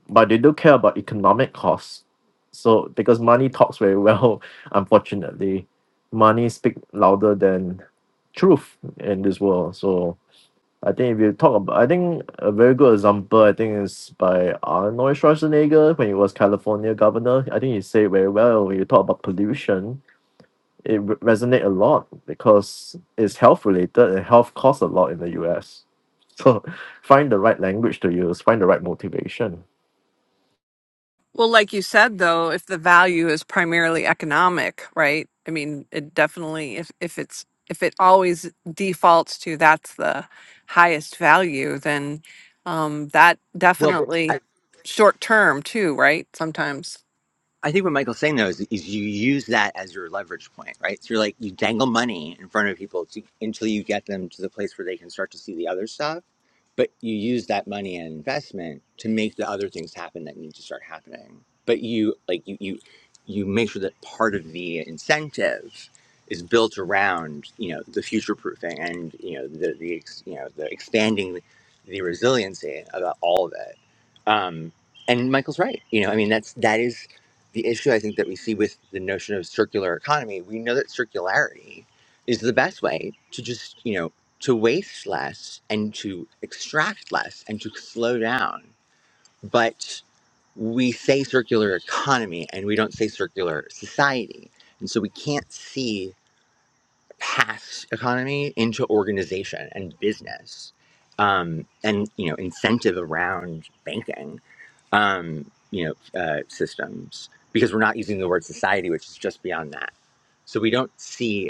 Speaker 7: but they do care about economic costs. So because money talks very well, unfortunately, money speak louder than truth in this world. So I think if you talk about, I think a very good example, I think is by Arnold Schwarzenegger when he was California governor. I think he said very well when you talk about pollution it re- resonate a lot because it's health related and health costs a lot in the US. So find the right language to use, find the right motivation.
Speaker 4: Well, like you said, though, if the value is primarily economic, right? I mean, it definitely if if it's if it always defaults to that's the highest value, then um, that
Speaker 5: Well, but I,
Speaker 4: definitely short term too, right? Sometimes.
Speaker 5: I think what Michael's saying though is, is you use that as your leverage point, right? So you're like, you dangle money in front of people to, until you get them to the place where they can start to see the other stuff but you use that money and investment to make the other things happen that need to start happening but you like you you you make sure that part of the incentive is built around you know the future proofing and you know the the ex, you know the expanding the resiliency about all of it um and michael's right you know i mean that's that is the issue i think that we see with the notion of circular economy we know that circularity is the best way to just you know to waste less and to extract less and to slow down. But we say circular economy and we don't say circular society. And so we can't see past economy into organization and business um, and, you know, incentive around banking, um, you know, uh, systems because we're not using the word society, which is just beyond that. So we don't see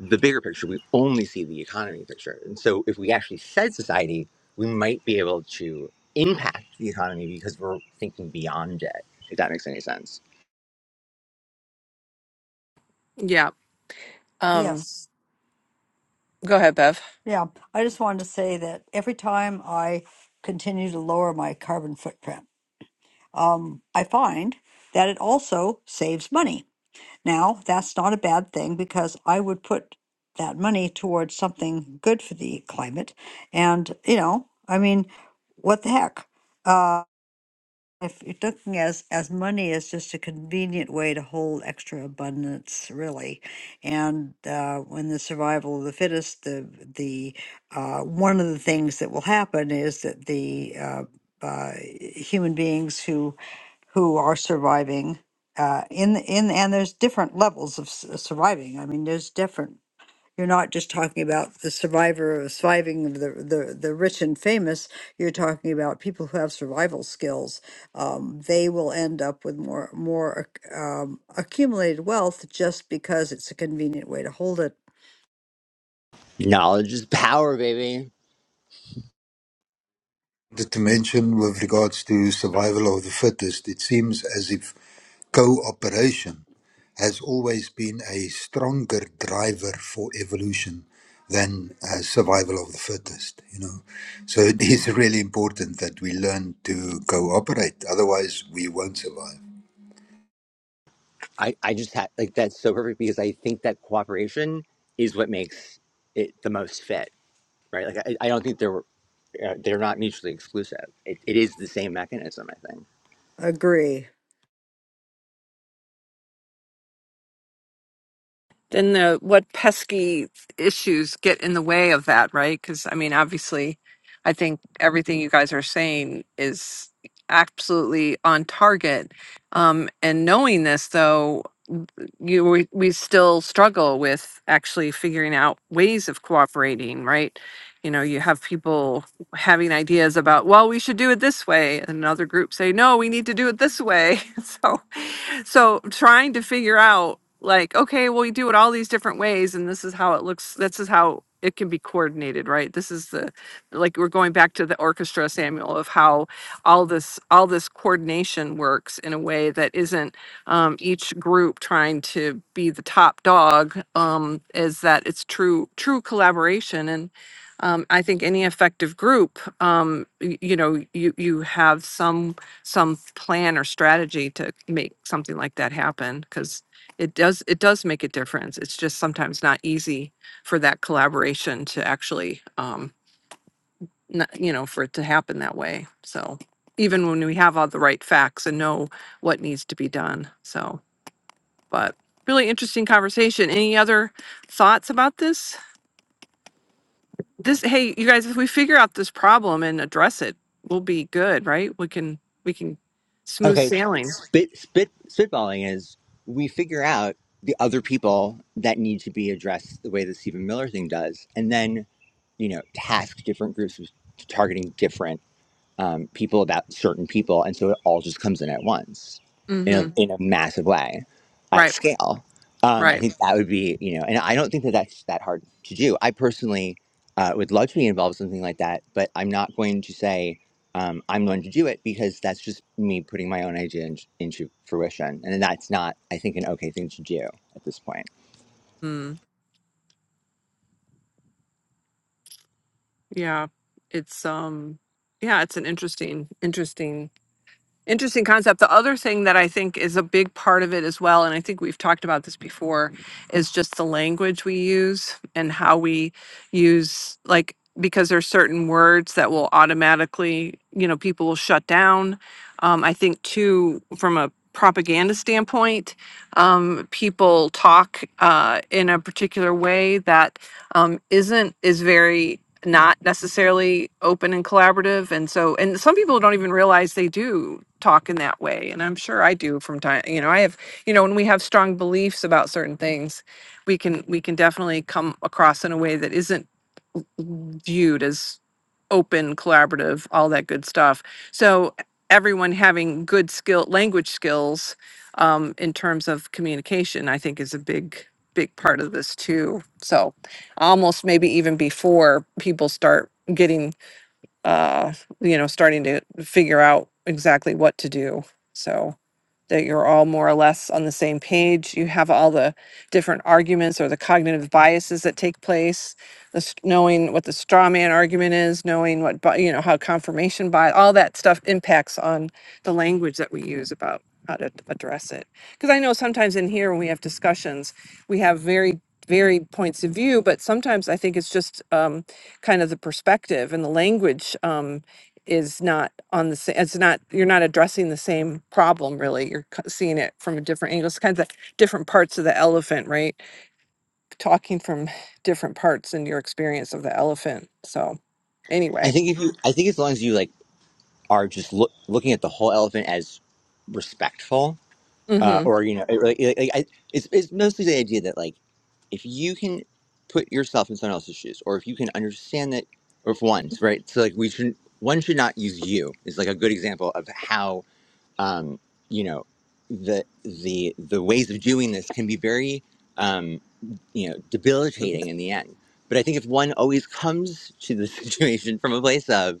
Speaker 5: the bigger picture, we only see the economy picture. And so if we actually said society, we might be able to impact the economy because we're thinking beyond it, if that makes any sense.
Speaker 4: Yeah. Um,
Speaker 3: Yes.
Speaker 4: go ahead, Bev.
Speaker 3: Yeah. I just wanted to say that every time I continue to lower my carbon footprint, um, I find that it also saves money. Now, that's not a bad thing because I would put that money towards something good for the climate. And, you know, I mean, what the heck? Uh, if you're looking as, as money is just a convenient way to hold extra abundance, really. And uh, when the survival of the fittest, the, the uh, one of the things that will happen is that the uh, uh, human beings who who are surviving uh, in in and there's different levels of s- surviving. I mean, there's different. You're not just talking about the survivor of surviving of the, the the rich and famous. You're talking about people who have survival skills. Um, they will end up with more more ac- um, accumulated wealth just because it's a convenient way to hold it.
Speaker 5: Knowledge is power, baby.
Speaker 1: The dimension with regards to survival of the fittest, it seems as if cooperation has always been a stronger driver for evolution than uh, survival of the fittest. You know, so it is really important that we learn to cooperate. Otherwise, we won't survive.
Speaker 5: I, I just had like that's so perfect because I think that cooperation is what makes it the most fit, right? Like I, I don't think they're uh, they're not mutually exclusive. It, it is the same mechanism, I think.
Speaker 3: Agree.
Speaker 4: Then the what pesky issues get in the way of that, right? Because I mean, obviously, I think everything you guys are saying is absolutely on target. Um, and knowing this, though, you we, we still struggle with actually figuring out ways of cooperating right you know you have people having ideas about well we should do it this way and another group say no we need to do it this way so so trying to figure out like okay well we do it all these different ways and this is how it looks this is how it can be coordinated right this is the like we're going back to the orchestra samuel of how all this all this coordination works in a way that isn't um, each group trying to be the top dog um, is that it's true true collaboration and um, i think any effective group um, y- you know you you have some some plan or strategy to make something like that happen because it does it does make a difference it's just sometimes not easy for that collaboration to actually um not, you know for it to happen that way so even when we have all the right facts and know what needs to be done so but really interesting conversation any other thoughts about this this hey you guys if we figure out this problem and address it we'll be good right we can we can smooth
Speaker 5: Okay,
Speaker 4: sailing
Speaker 5: spit spit spitballing is we figure out the other people that need to be addressed the way the Stephen Miller thing does, and then you know task different groups with targeting different um, people about certain people, and so it all just comes in at once in a,
Speaker 4: mm-hmm
Speaker 5: in a massive way at
Speaker 4: Right.
Speaker 5: scale. Um, I
Speaker 4: Right.
Speaker 5: think that would be you know, and I don't think that that's that hard to do. I personally uh, would love to be involved in something like that, but I'm not going to say um, I'm going to do it because that's just me putting my own idea in, into fruition, and that's not I think an okay thing to do at this point.
Speaker 4: Mm, yeah. It's um yeah, it's an interesting interesting interesting concept. The other thing that I think is a big part of it as well and I think we've talked about this before is just the language we use and how we use like because there's certain words that will automatically, you know, people will shut down. Um I think too from a propaganda standpoint, um people talk uh in a particular way that um, isn't is very not necessarily open and collaborative and so and some people don't even realize they do talk in that way and i'm sure i do from time you know i have you know when we have strong beliefs about certain things we can we can definitely come across in a way that isn't viewed as open, collaborative, all that good stuff. So everyone having good skill, language skills um, in terms of communication, I think is a big, big part of this too. So almost maybe even before people start getting uh, you know, starting to figure out exactly what to do. So that you're all more or less on the same page. You have all the different arguments or the cognitive biases that take place, the, s- knowing what the straw man argument is, knowing what, bi- you know, how confirmation bias, all that stuff impacts on the language that we use about how to address it. Because I know sometimes in here when we have discussions, we have very, very points of view, but sometimes I think it's just, um kind of the perspective and the language um, is not on the same. It's not you're not addressing the same problem really. You're c- seeing it from a different angle. It's kind of the different parts of the elephant, right? Talking from different parts in your experience of the elephant. So,
Speaker 5: I
Speaker 4: anyway.
Speaker 5: think if you, I think as long as you like are just look, looking at the whole elephant as respectful uh,
Speaker 4: Mm-hmm.
Speaker 5: or you know, it, like, like, like, I, it's it's mostly the idea that like if you can put yourself in someone else's shoes, or if you can understand that, or if one's right, so like we should one should not use you is like a good example of how um, you know the the the ways of doing this can be very. um, you know debilitating in the end but i think if one always comes to the situation from a place of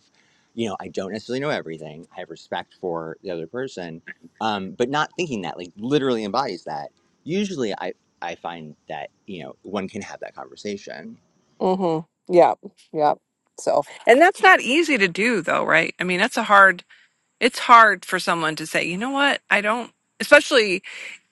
Speaker 5: you know i don't necessarily know everything i have respect for the other person um, but not thinking that like literally embodies that usually i i find that you know one can have that conversation
Speaker 4: Mm-hmm. Yeah. Yeah. So, and that's not easy to do, though, right? I mean, that's a hard. It's hard for someone to say, you know what, I don't. Especially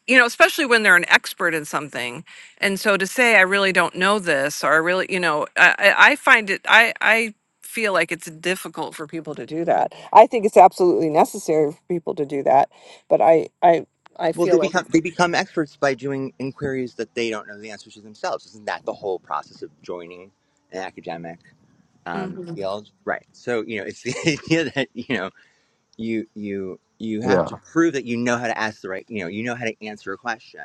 Speaker 4: you know, especially when they're an expert in something. And so to say, I really don't know this, or I really, you know, I, I I find it, I, I feel like it's difficult for people to do that. I think it's absolutely necessary for people to do that, but I, I, I
Speaker 5: well they
Speaker 4: feel like
Speaker 5: become
Speaker 4: it's,
Speaker 5: they become experts by doing inquiries that they don't know the answers to themselves isn't that the whole process of joining an academic um,
Speaker 4: Mhm.
Speaker 5: field right so you know it's the idea that you know you you you have
Speaker 7: Yeah.
Speaker 5: to prove that you know how to ask the right you know you know how to answer a question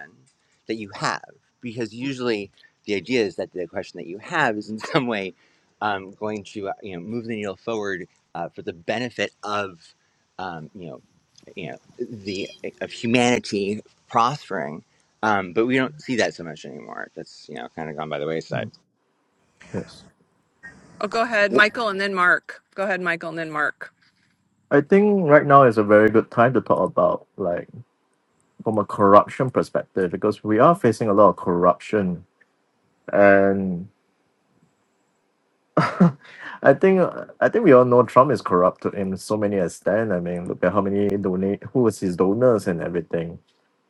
Speaker 5: that you have because usually the idea is that the question that you have is in some way um, going to uh, you know move the needle forward uh, for the benefit of um, you know you know the uh, of humanity prospering um, but we don't see that so much anymore that's you know kind of gone by the wayside
Speaker 7: Mm. Yes.
Speaker 4: oh, go ahead, Michael, and then Mark. Go ahead, Michael, and then Mark.
Speaker 7: I think right now is a very good time to talk about like from a corruption perspective because we are facing a lot of corruption and I think I think we all know Trump is corrupted in so many extent. I mean, look at how many donate who was his donors and everything.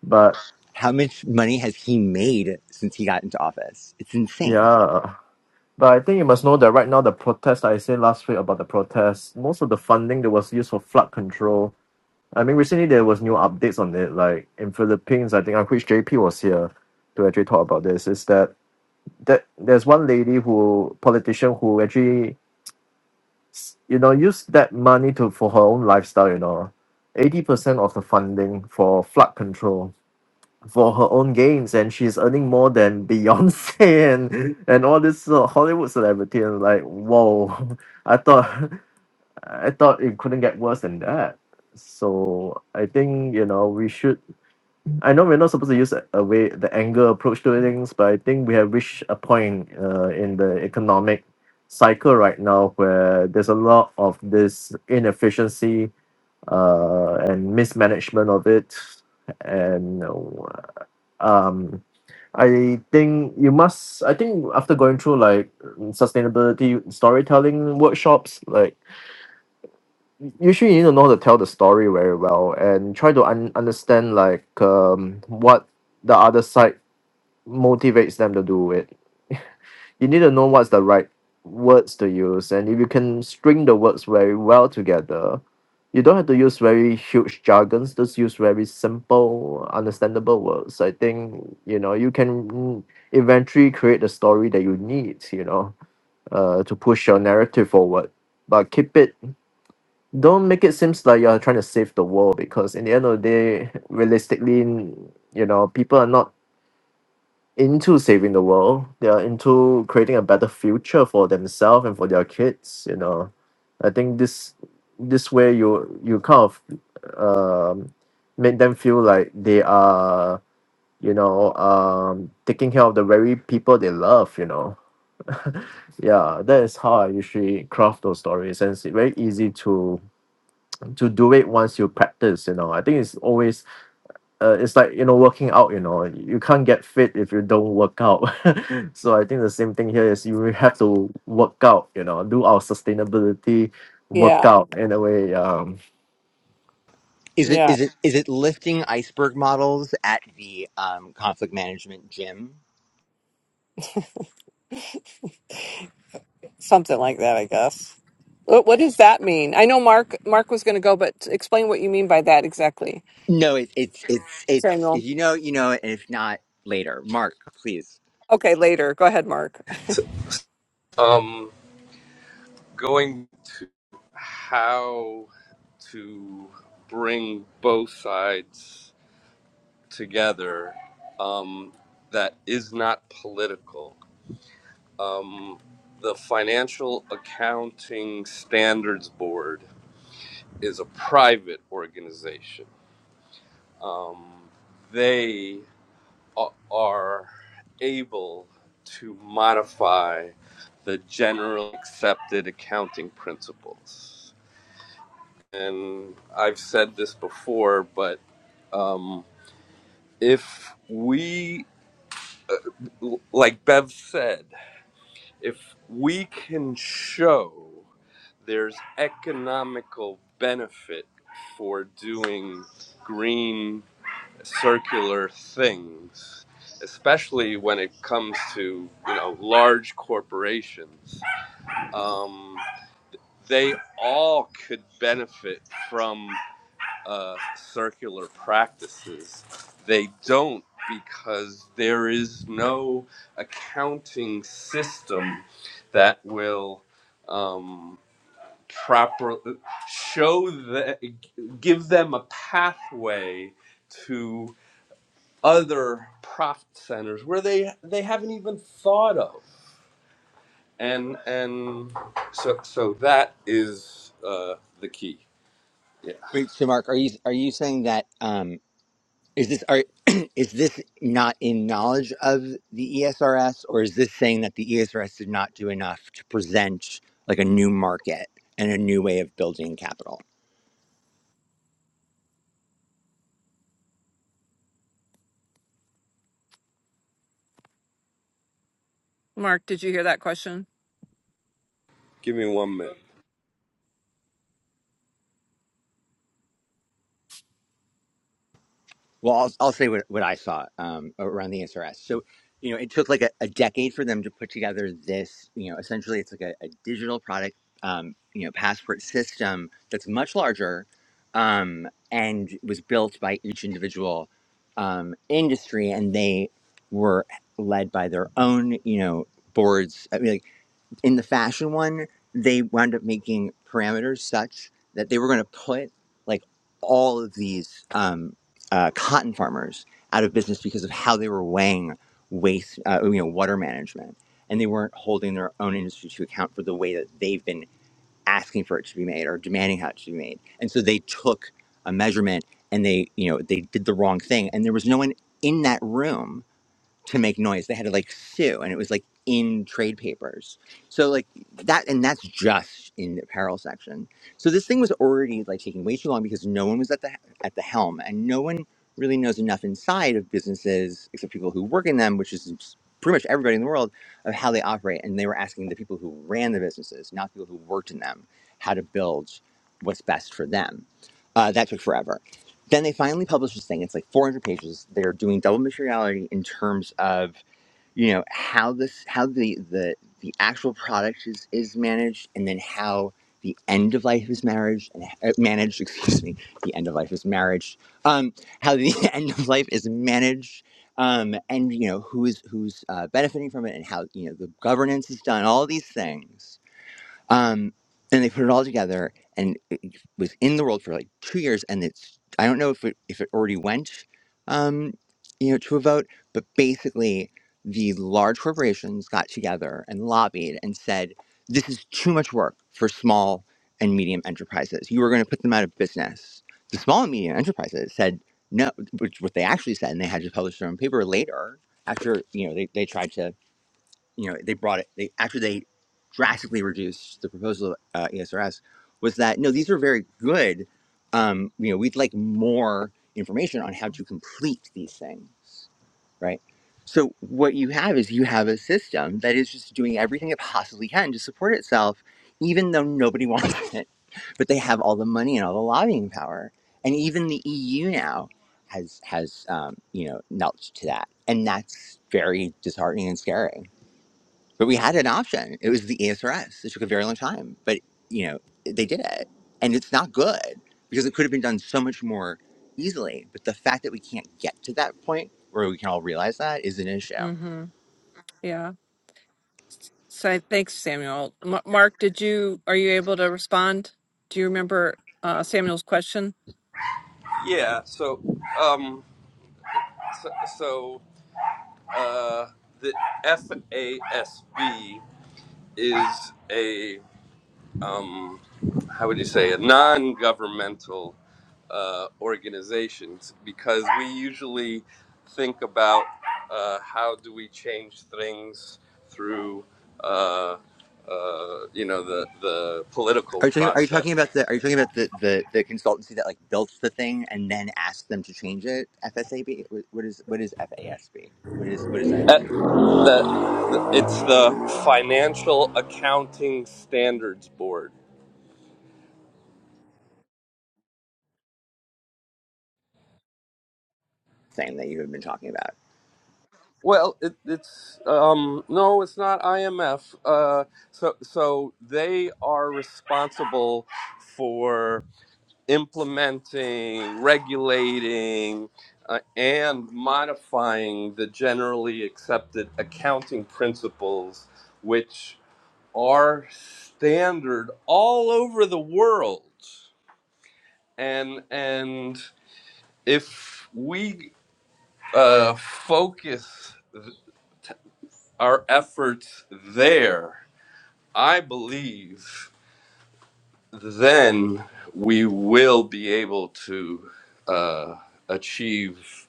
Speaker 7: But
Speaker 5: how much money has he made since he got into office it's insane
Speaker 7: yeah. But I think you must know that right now the protest I said last week about the protest, most of the funding that was used for flood control. I mean, recently there was new updates on it. Like in Philippines, I think I wish JP was here to actually talk about this. Is that that there's one lady who politician who actually, you know, used that money to for her own lifestyle. You know, eighty percent of the funding for flood control for her own gains and she's earning more than Beyonce and and all this uh, Hollywood celebrity and like whoa I thought I thought it couldn't get worse than that so I think you know we should I know we're not supposed to use a, a way the anger approach to things but I think we have reached a point uh, in the economic cycle right now where there's a lot of this inefficiency uh, and mismanagement of it and uh, um I think you must I think after going through like sustainability storytelling workshops, like usually you need to know how to tell the story very well and try to un- understand like um what the other side motivates them to do it you need to know what's the right words to use and if you can string the words very well together you don't have to use very huge jargons just use very simple understandable words i think you know you can eventually create the story that you need you know uh, to push your narrative forward but keep it don't make it seems like you're trying to save the world because in the end of the day realistically you know people are not into saving the world. They are into creating a better future for themselves and for their kids. You know, I think this this way you you kind of um, make them feel like they are you know um, taking care of the very people they love. You know, yeah, that is how I usually craft those stories, and it's very easy to to do it once you practice. You know, I think it's always uh, it's like you know working out you know you can't get fit if you don't work out so i think the same thing here is you have to work out you know do our sustainability
Speaker 4: Yeah,
Speaker 7: workout in a way um
Speaker 5: Is it
Speaker 4: yeah,
Speaker 5: is it is it lifting iceberg models at the um, conflict management gym?
Speaker 4: something like that, I guess. What, what does that mean? I know Mark, Mark was going to go, but explain what you mean by that exactly,
Speaker 5: No, it, it's it's it's if
Speaker 4: Samuel.
Speaker 5: you know you know, it, and if not later, Mark, please.
Speaker 4: Okay, later. Go ahead, Mark.
Speaker 9: Um, going to how to bring both sides together um, that is not political. Um, the Financial Accounting Standards Board is a private organization. Um, they a- are able to modify the general accepted accounting principles and I've said this before, but um, if we, like Bev said, if we can show there's economical benefit for doing green circular things, especially when it comes to you know large corporations, um, they all could benefit from. uh, circular practices. They don't because there is no accounting system that will um, proper show that give them a pathway to other profit centers where they they haven't even thought of and and so so that is uh, the key yeah
Speaker 5: Wait, so Mark, are you are you saying that um, is this are is this not in knowledge of the ESRS, or is this saying that the ESRS did not do enough to present like a new market and a new way of building capital?
Speaker 4: Mark, did you hear that question?
Speaker 9: give me one minute
Speaker 5: Well, I'll, I'll say what, what I saw um, around the SRS. So, you know, it took like a, a decade for them to put together this, you know, essentially it's like a, a digital product, um, you know, passport system that's much larger um, and was built by each individual um, industry. And they were led by their own, you know, boards. I mean, like, in the fashion one, they wound up making parameters such that they were going to put like all of these um, uh, cotton farmers out of business because of how they were weighing waste, uh, you know, water management, and they weren't holding their own industry to account for the way that they've been asking for it to be made or demanding how it should be made, and so they took a measurement and they, you know, they did the wrong thing, and there was no one in that room to make noise. They had to like sue, and it was like in trade papers. So like that, and that's just in the apparel section. So this thing was already like taking way too long because no one was at the at the helm, and no one really knows enough inside of businesses except people who work in them, which is pretty much everybody in the world, of how they operate. And they were asking the people who ran the businesses, not the people who worked in them, how to build what's best for them. Uh, that took forever then they finally publish this thing. It's like 400 pages. They're doing double materiality in terms of you know how this how the the the actual product is is managed, and then how the end of life is marriage and uh, managed. Excuse me, the end of life is marriage. Um, how the end of life is managed. Um, and you know who's who's uh, benefiting from it, and how you know the governance is done. All these things um, and they put it all together, and it was in the world for like two years. And it's I don't know if it if it already went, um, you know, to a vote, but basically the large corporations got together and lobbied and said, "This is too much work for small and medium enterprises. You are going to put them out of business." The small and medium enterprises said no, which what they actually said, and they had to publish their own paper later. After you know they, they tried to you know they brought it they after they drastically reduced the proposal of uh, ESRS was that no these are very good um, you know we'd like more information on how to complete these things right so what you have is you have a system that is just doing everything it possibly can to support itself even though nobody wants it but they have all the money and all the lobbying power and even the EU now has has um, you know knelt to that and that's very disheartening and scary but we had an option. It was the ESRS. It took a very long time, but you know they did it, and it's not good because it could have been done so much more easily. But the fact that we can't get to that point where we can all realize that is an issue.
Speaker 4: hmm Yeah. So thanks, Samuel. M- Mark, did you are you able to respond? Do you remember uh, Samuel's question?
Speaker 9: yeah so um So, so uh, the FASB is a um, how would you say a non-governmental uh, organization because we usually think about uh, how do we change things through uh, uh, you know the the political
Speaker 5: Are you talking, are you
Speaker 9: process.
Speaker 5: talking about the are you talking about the, the, the consultancy that like built the thing and then asked them to change it? FSAB. what is what is FASB? What is what is that
Speaker 9: At the, it's the Financial Accounting Standards Board.
Speaker 5: thing that you have been talking about?
Speaker 9: Well, it, it's um, no, it's not IMF. Uh, so, so they are responsible for implementing, regulating, uh, and modifying the generally accepted accounting principles, which are standard all over the world. And and if we uh, focus. our efforts there, I believe, then we will be able to uh, achieve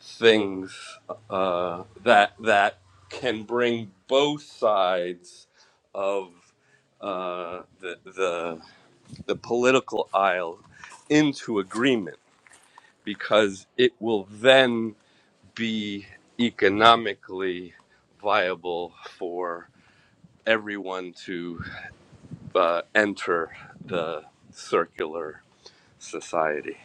Speaker 9: things uh, that that can bring both sides of uh, the, the the political aisle into agreement because it will then be economically viable for everyone to. uh, enter the circular society.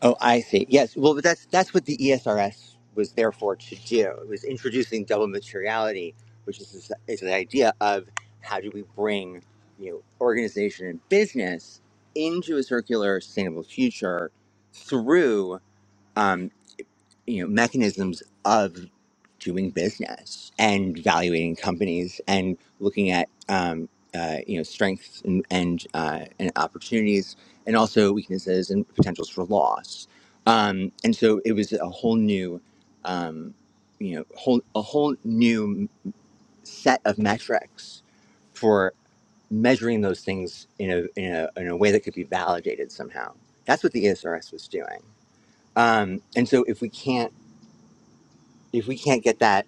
Speaker 5: Oh, I see. Yes. Well, but that's that's what the ESRS was there for to do. It was introducing double materiality, which is this, is the idea of how do we bring you know organization and business into a circular, sustainable future through. um, you know mechanisms of doing business and valuating companies and looking at um, uh, you know strengths and and, uh, and opportunities and also weaknesses and potentials for loss. Um, and so it was a whole new um, you know whole a whole new set of metrics for measuring those things in a, in a, in a way that could be validated somehow. That's what the ESRS was doing. Um, and so if we can't if we can't get that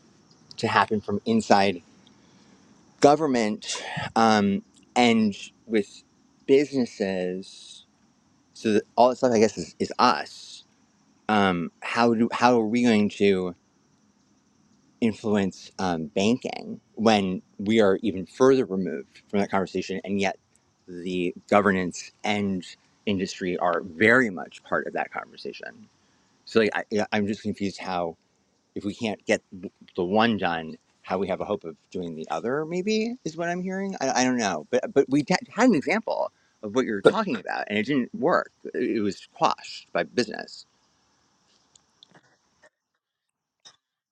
Speaker 5: to happen from inside government um, and with businesses, so that all that stuff I guess is, is us. Um, how do how are we going to influence um, banking when we are even further removed from that conversation, and yet the governance and industry are very much part of that conversation. So like, I, I'm just confused how if we can't get the one done, how we have a hope of doing the other, maybe is what I'm hearing. I, I don't know, but but we had an example of what you're talking about, and it didn't work. It it was quashed by business.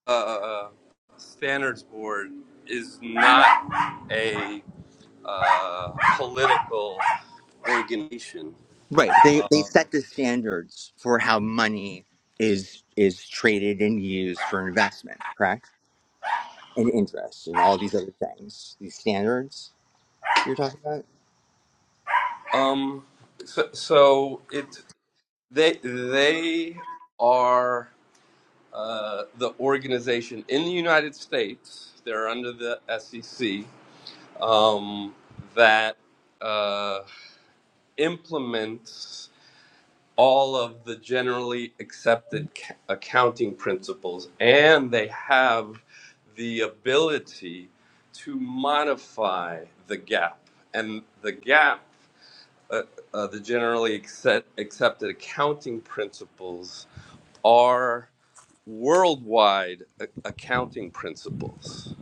Speaker 9: Uh, standards board is not a uh, political organization.
Speaker 5: Right. but They they set the standards for how money is is traded and used for investment, correct? And interest and all these other things. These standards you're talking about.
Speaker 9: Um, so, so it they they are uh, the organization in the United States. They're under the SEC um, that uh, implements all of the generally accepted ca- accounting principles and they have the ability to modify the gap and the gap uh, uh, the generally accept, accepted accounting principles are worldwide a- accounting principles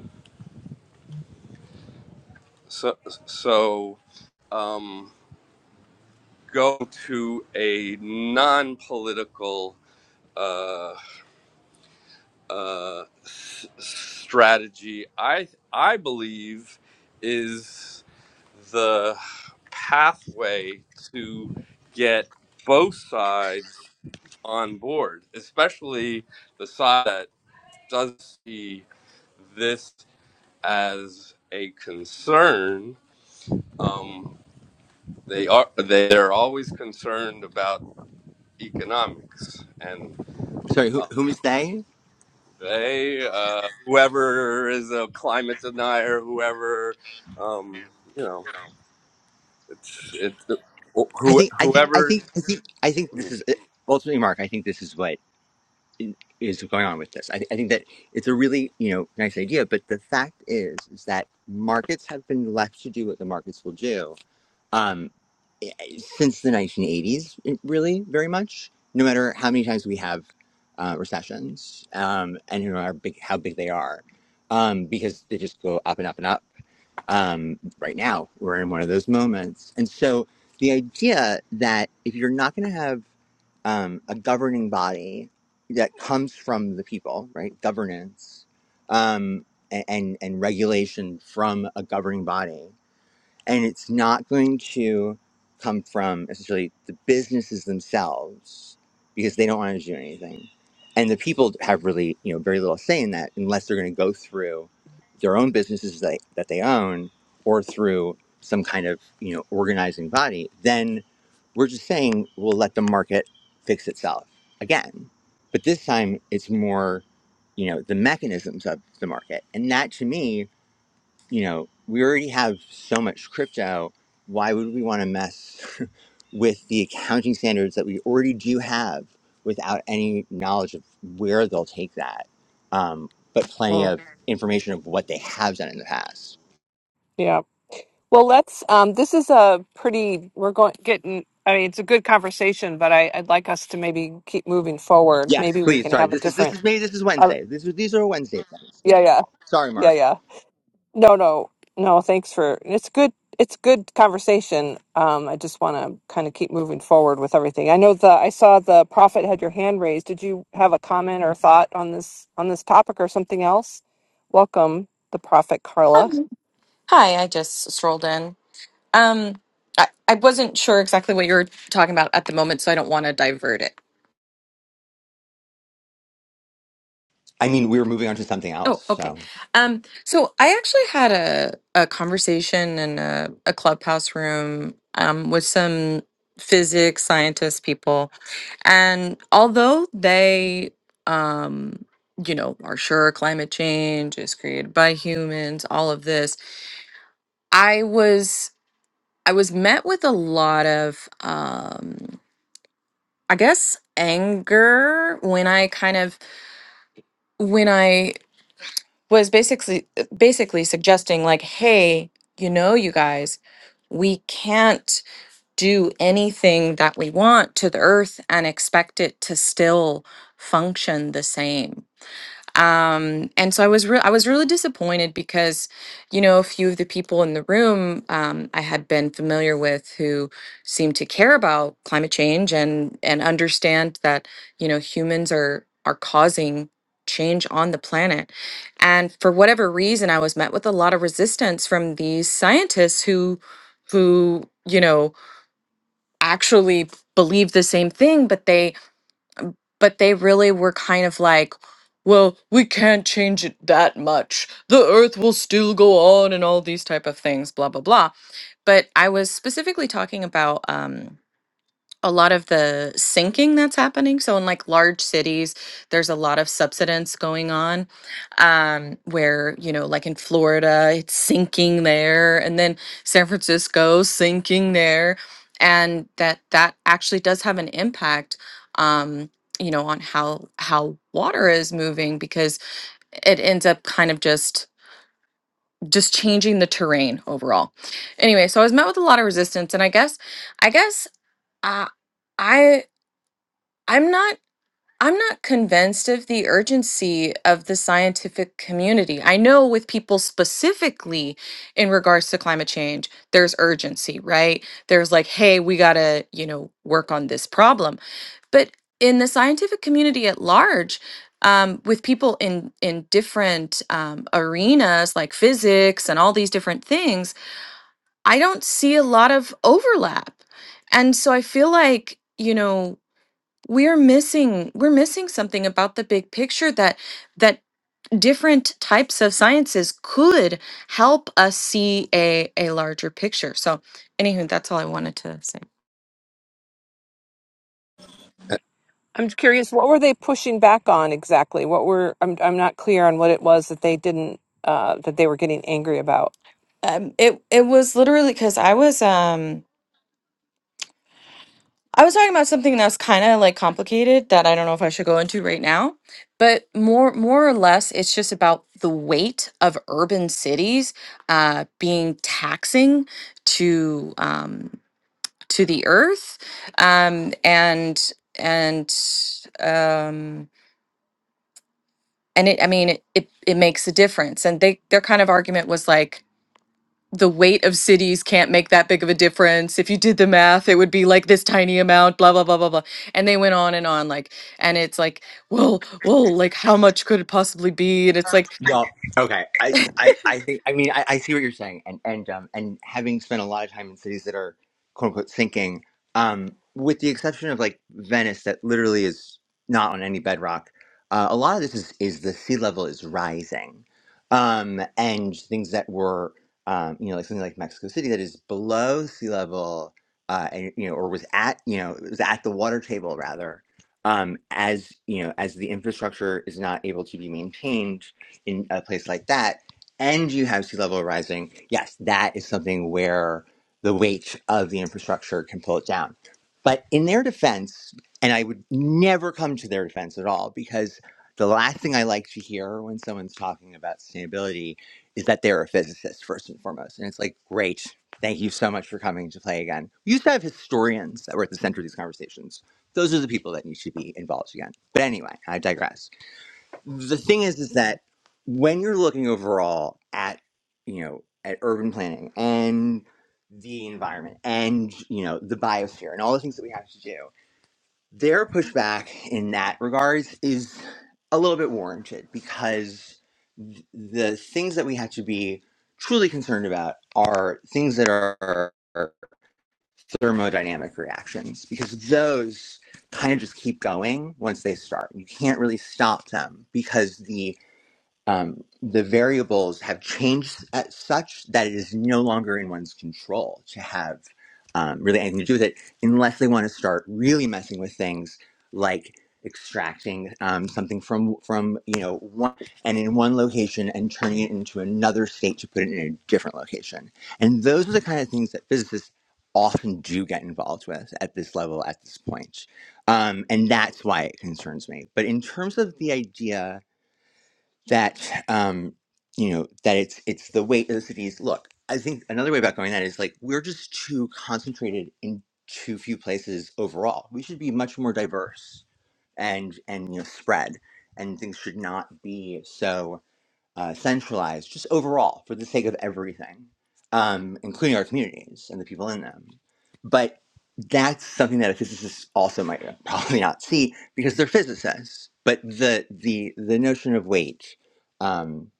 Speaker 9: so so um, go to a non-political uh, uh, s- strategy, I I believe is the pathway to get both sides on board, especially the side that does see this as a concern. Um, they are they are always concerned about economics and
Speaker 5: Sorry, who whom is they?
Speaker 9: They, uh, whoever is a climate denier, whoever, um, you know, it's it's
Speaker 5: I
Speaker 9: who
Speaker 5: think I think I
Speaker 9: whoever.
Speaker 5: think I think I think this is ultimately, Mark. I think this is what is going on with this. I, th I think that it's a really you know nice idea, but the fact is is that markets have been left to do what the markets will do um, eh, since the 1980s, really very much. No matter how many times we have uh, recessions um, and you know, how big how big they are, um, because they just go up and up and up um, right now we're in one of those moments and so the idea that if you're not going to have um, a governing body that comes from the people right governance um, a- and and regulation from a governing body and it's not going to come from essentially the businesses themselves because they don't want to do anything and the people have really you know very little say in that unless they're going to go through their own businesses that, that they own or through some kind of you know organizing body then we're just saying we'll let the market fix itself again but this time it's more you know the mechanisms of the market and that to me you know, we already have so much crypto. Why would we want to mess with the accounting standards that we already do have without any knowledge of where they'll take that? Um, but plenty
Speaker 4: Oh,
Speaker 5: of information of what they have done in the past.
Speaker 4: yeah. Well, let's. Um, this is a pretty. We're going getting. I mean, it's a good conversation, but I, I'd like us to maybe keep moving forward.
Speaker 5: Yes,
Speaker 4: Maybe we
Speaker 5: please.
Speaker 4: can
Speaker 5: Sorry,
Speaker 4: have a
Speaker 5: this is this
Speaker 4: different.
Speaker 5: is maybe this is
Speaker 4: Uh,
Speaker 5: Wednesday. This is, these are Wednesday things. Yeah.
Speaker 4: yeah, yeah,
Speaker 5: Sorry,
Speaker 4: yeah,
Speaker 5: Mark.
Speaker 4: yeah. No, no, no. Thanks for it's good. It's good conversation. Um, I just want to kind of keep moving forward with everything. I know the I saw the prophet had your hand raised. Did you have a comment or thought on this on this topic or something else? Welcome, the prophet Carla.
Speaker 10: Um, hi, I just strolled in. Um, I, I wasn't sure exactly what you were talking about at the moment, so I don't want to divert it.
Speaker 5: I mean, we were moving on to something else.
Speaker 10: Oh, okay.
Speaker 5: So.
Speaker 10: Um, so I actually had a, a conversation in a, a clubhouse room um, with some physics scientist people, and although they, um, you know, are sure climate change is created by humans, all of this, I was I was met with a lot of. Um, I guess anger when I kind of when I was basically basically suggesting like, hey, you know, you guys, we can't do anything that we want to the earth and expect it to still function the same um and so i was re- i was really disappointed because you know a few of the people in the room um i had been familiar with who seemed to care about climate change and and understand that you know humans are are causing change on the planet and for whatever reason i was met with a lot of resistance from these scientists who who you know actually believe the same thing but they but they really were kind of like, well, we can't change it that much. The earth will still go on and all these type of things, blah blah blah. But I was specifically talking about um a lot of the sinking that's happening. So in like large cities, there's a lot of subsidence going on, um, where you know, like in Florida, it's sinking there, and then San Francisco sinking there, and that that actually does have an impact, um, you know, on how how water is moving because it ends up kind of just just changing the terrain overall. Anyway, so I was met with a lot of resistance, and I guess I guess. Uh, I I'm not I'm not convinced of the urgency of the scientific community. I know with people specifically in regards to climate change, there's urgency, right? There's like, hey, we got to, you know, work on this problem. But in the scientific community at large, um, with people in in different um, arenas like physics and all these different things, I don't see a lot of overlap, and so I feel like you know we're missing we're missing something about the big picture that that different types of sciences could help us see a a larger picture so anywho that's all i wanted to say
Speaker 4: I'm curious, what were they pushing back on exactly? What were I'm I'm not clear on what it was that they didn't uh, that they were getting angry about.
Speaker 10: um it it was literally because i was um i was talking about something that's kind of like complicated that i don't know if i should go into right now but more more or less it's just about the weight of urban cities uh being taxing to um to the earth um and and um and it i mean it, it it makes a difference and they their kind of argument was like the weight of cities can't make that big of a difference if you did the math it would be like this tiny amount blah blah blah blah blah and they went on and on like and it's like well well like how much could it possibly be and it's like
Speaker 5: Well, okay. I, I, I think. I mean, I, I see what you're saying, and and um, and having spent a lot of time in cities that are quote unquote sinking, um, with the exception of like Venice, that literally is not on any bedrock. Uh, a lot of this is is the sea level is rising, um, and things that were, um, you know, like something like Mexico City that is below sea level, uh, and you know, or was at, you know, was at the water table rather. Um, as you know, as the infrastructure is not able to be maintained, in a place like that, and you have sea level rising, yes, that is something where the weight of the infrastructure can pull it down. But in their defense, and I would never come to their defense at all, because the last thing I like to hear when someone's talking about sustainability is that they're a physicist first and foremost. And it's like, great, thank you so much for coming to play again. We used to have historians that were at the center of these conversations. Those are the people that need to be involved again. But anyway, I digress the thing is is that when you're looking overall at you know at urban planning and the environment and you know the biosphere and all the things that we have to do their pushback in that regards is a little bit warranted because th- the things that we have to be truly concerned about are things that are thermodynamic reactions because those kind of just keep going once they start you can't really stop them because the um, the variables have changed at such that it is no longer in one's control to have um, really anything to do with it, unless they want to start really messing with things like extracting um, something from from you know one and in one location and turning it into another state to put it in a different location. And those are the kind of things that physicists often do get involved with at this level at this point. Um, and that's why it concerns me. But in terms of the idea that um you know that it's it's the weight of the cities look i think another way about going that is like we're just too concentrated in too few places overall we should be much more diverse and and you know spread and things should not be so uh, centralized, just overall for the sake of everything, um, including our communities and the people in them. But that's something that a physicist also might probably not see because they're physicists. But the the the notion of weight, um,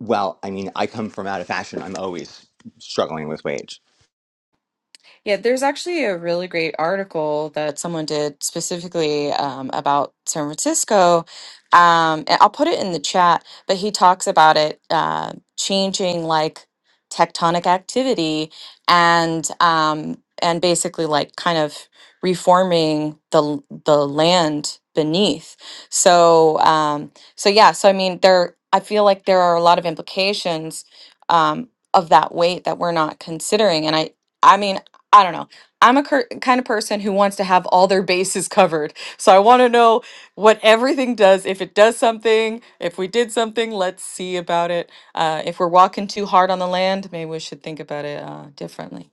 Speaker 5: well, I mean, I come from out of fashion. I'm always struggling with weight.
Speaker 10: Yeah, there's actually a really great article that someone did specifically um, about San Francisco. Um, and I'll put it in the chat, but he talks about it uh, changing like tectonic activity and um, and basically like kind of reforming the l- the land beneath. So um, so yeah, so I mean there I feel like there are a lot of implications um, of that weight that we're not considering, and I. I mean, I don't know. I'm a cur- kind of person who wants to have all their bases covered. So I want to know what everything does. If it does something, if we did something, let's see about it. Uh, if we're walking too hard on the land, maybe we should think about it uh, differently.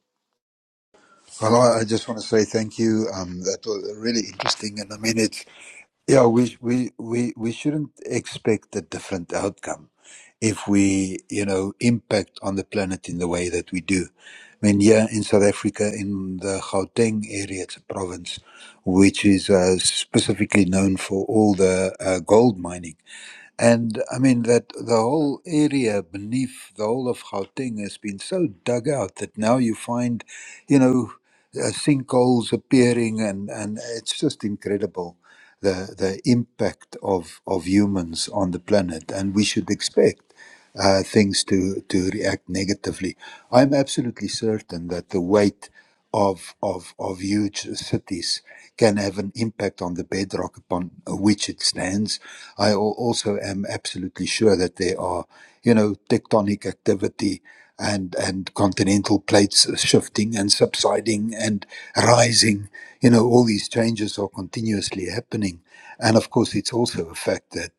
Speaker 1: Well, I I just want to say thank you. Um, that was really interesting, and I mean it. Yeah, we we we we shouldn't expect a different outcome if we, you know, impact on the planet in the way that we do. I mean, here in South Africa, in the Gauteng area, it's a province which is uh, specifically known for all the uh, gold mining. And I mean that the whole area beneath the whole of Gauteng has been so dug out that now you find, you know, uh, sinkholes appearing, and and it's just incredible the the impact of of humans on the planet. And we should expect uh, things to, to react negatively. I'm absolutely certain that the weight of, of, of huge cities can have an impact on the bedrock upon which it stands. I al- also am absolutely sure that there are, you know, tectonic activity and, and continental plates shifting and subsiding and rising. You know, all these changes are continuously happening. And of course, it's also a fact that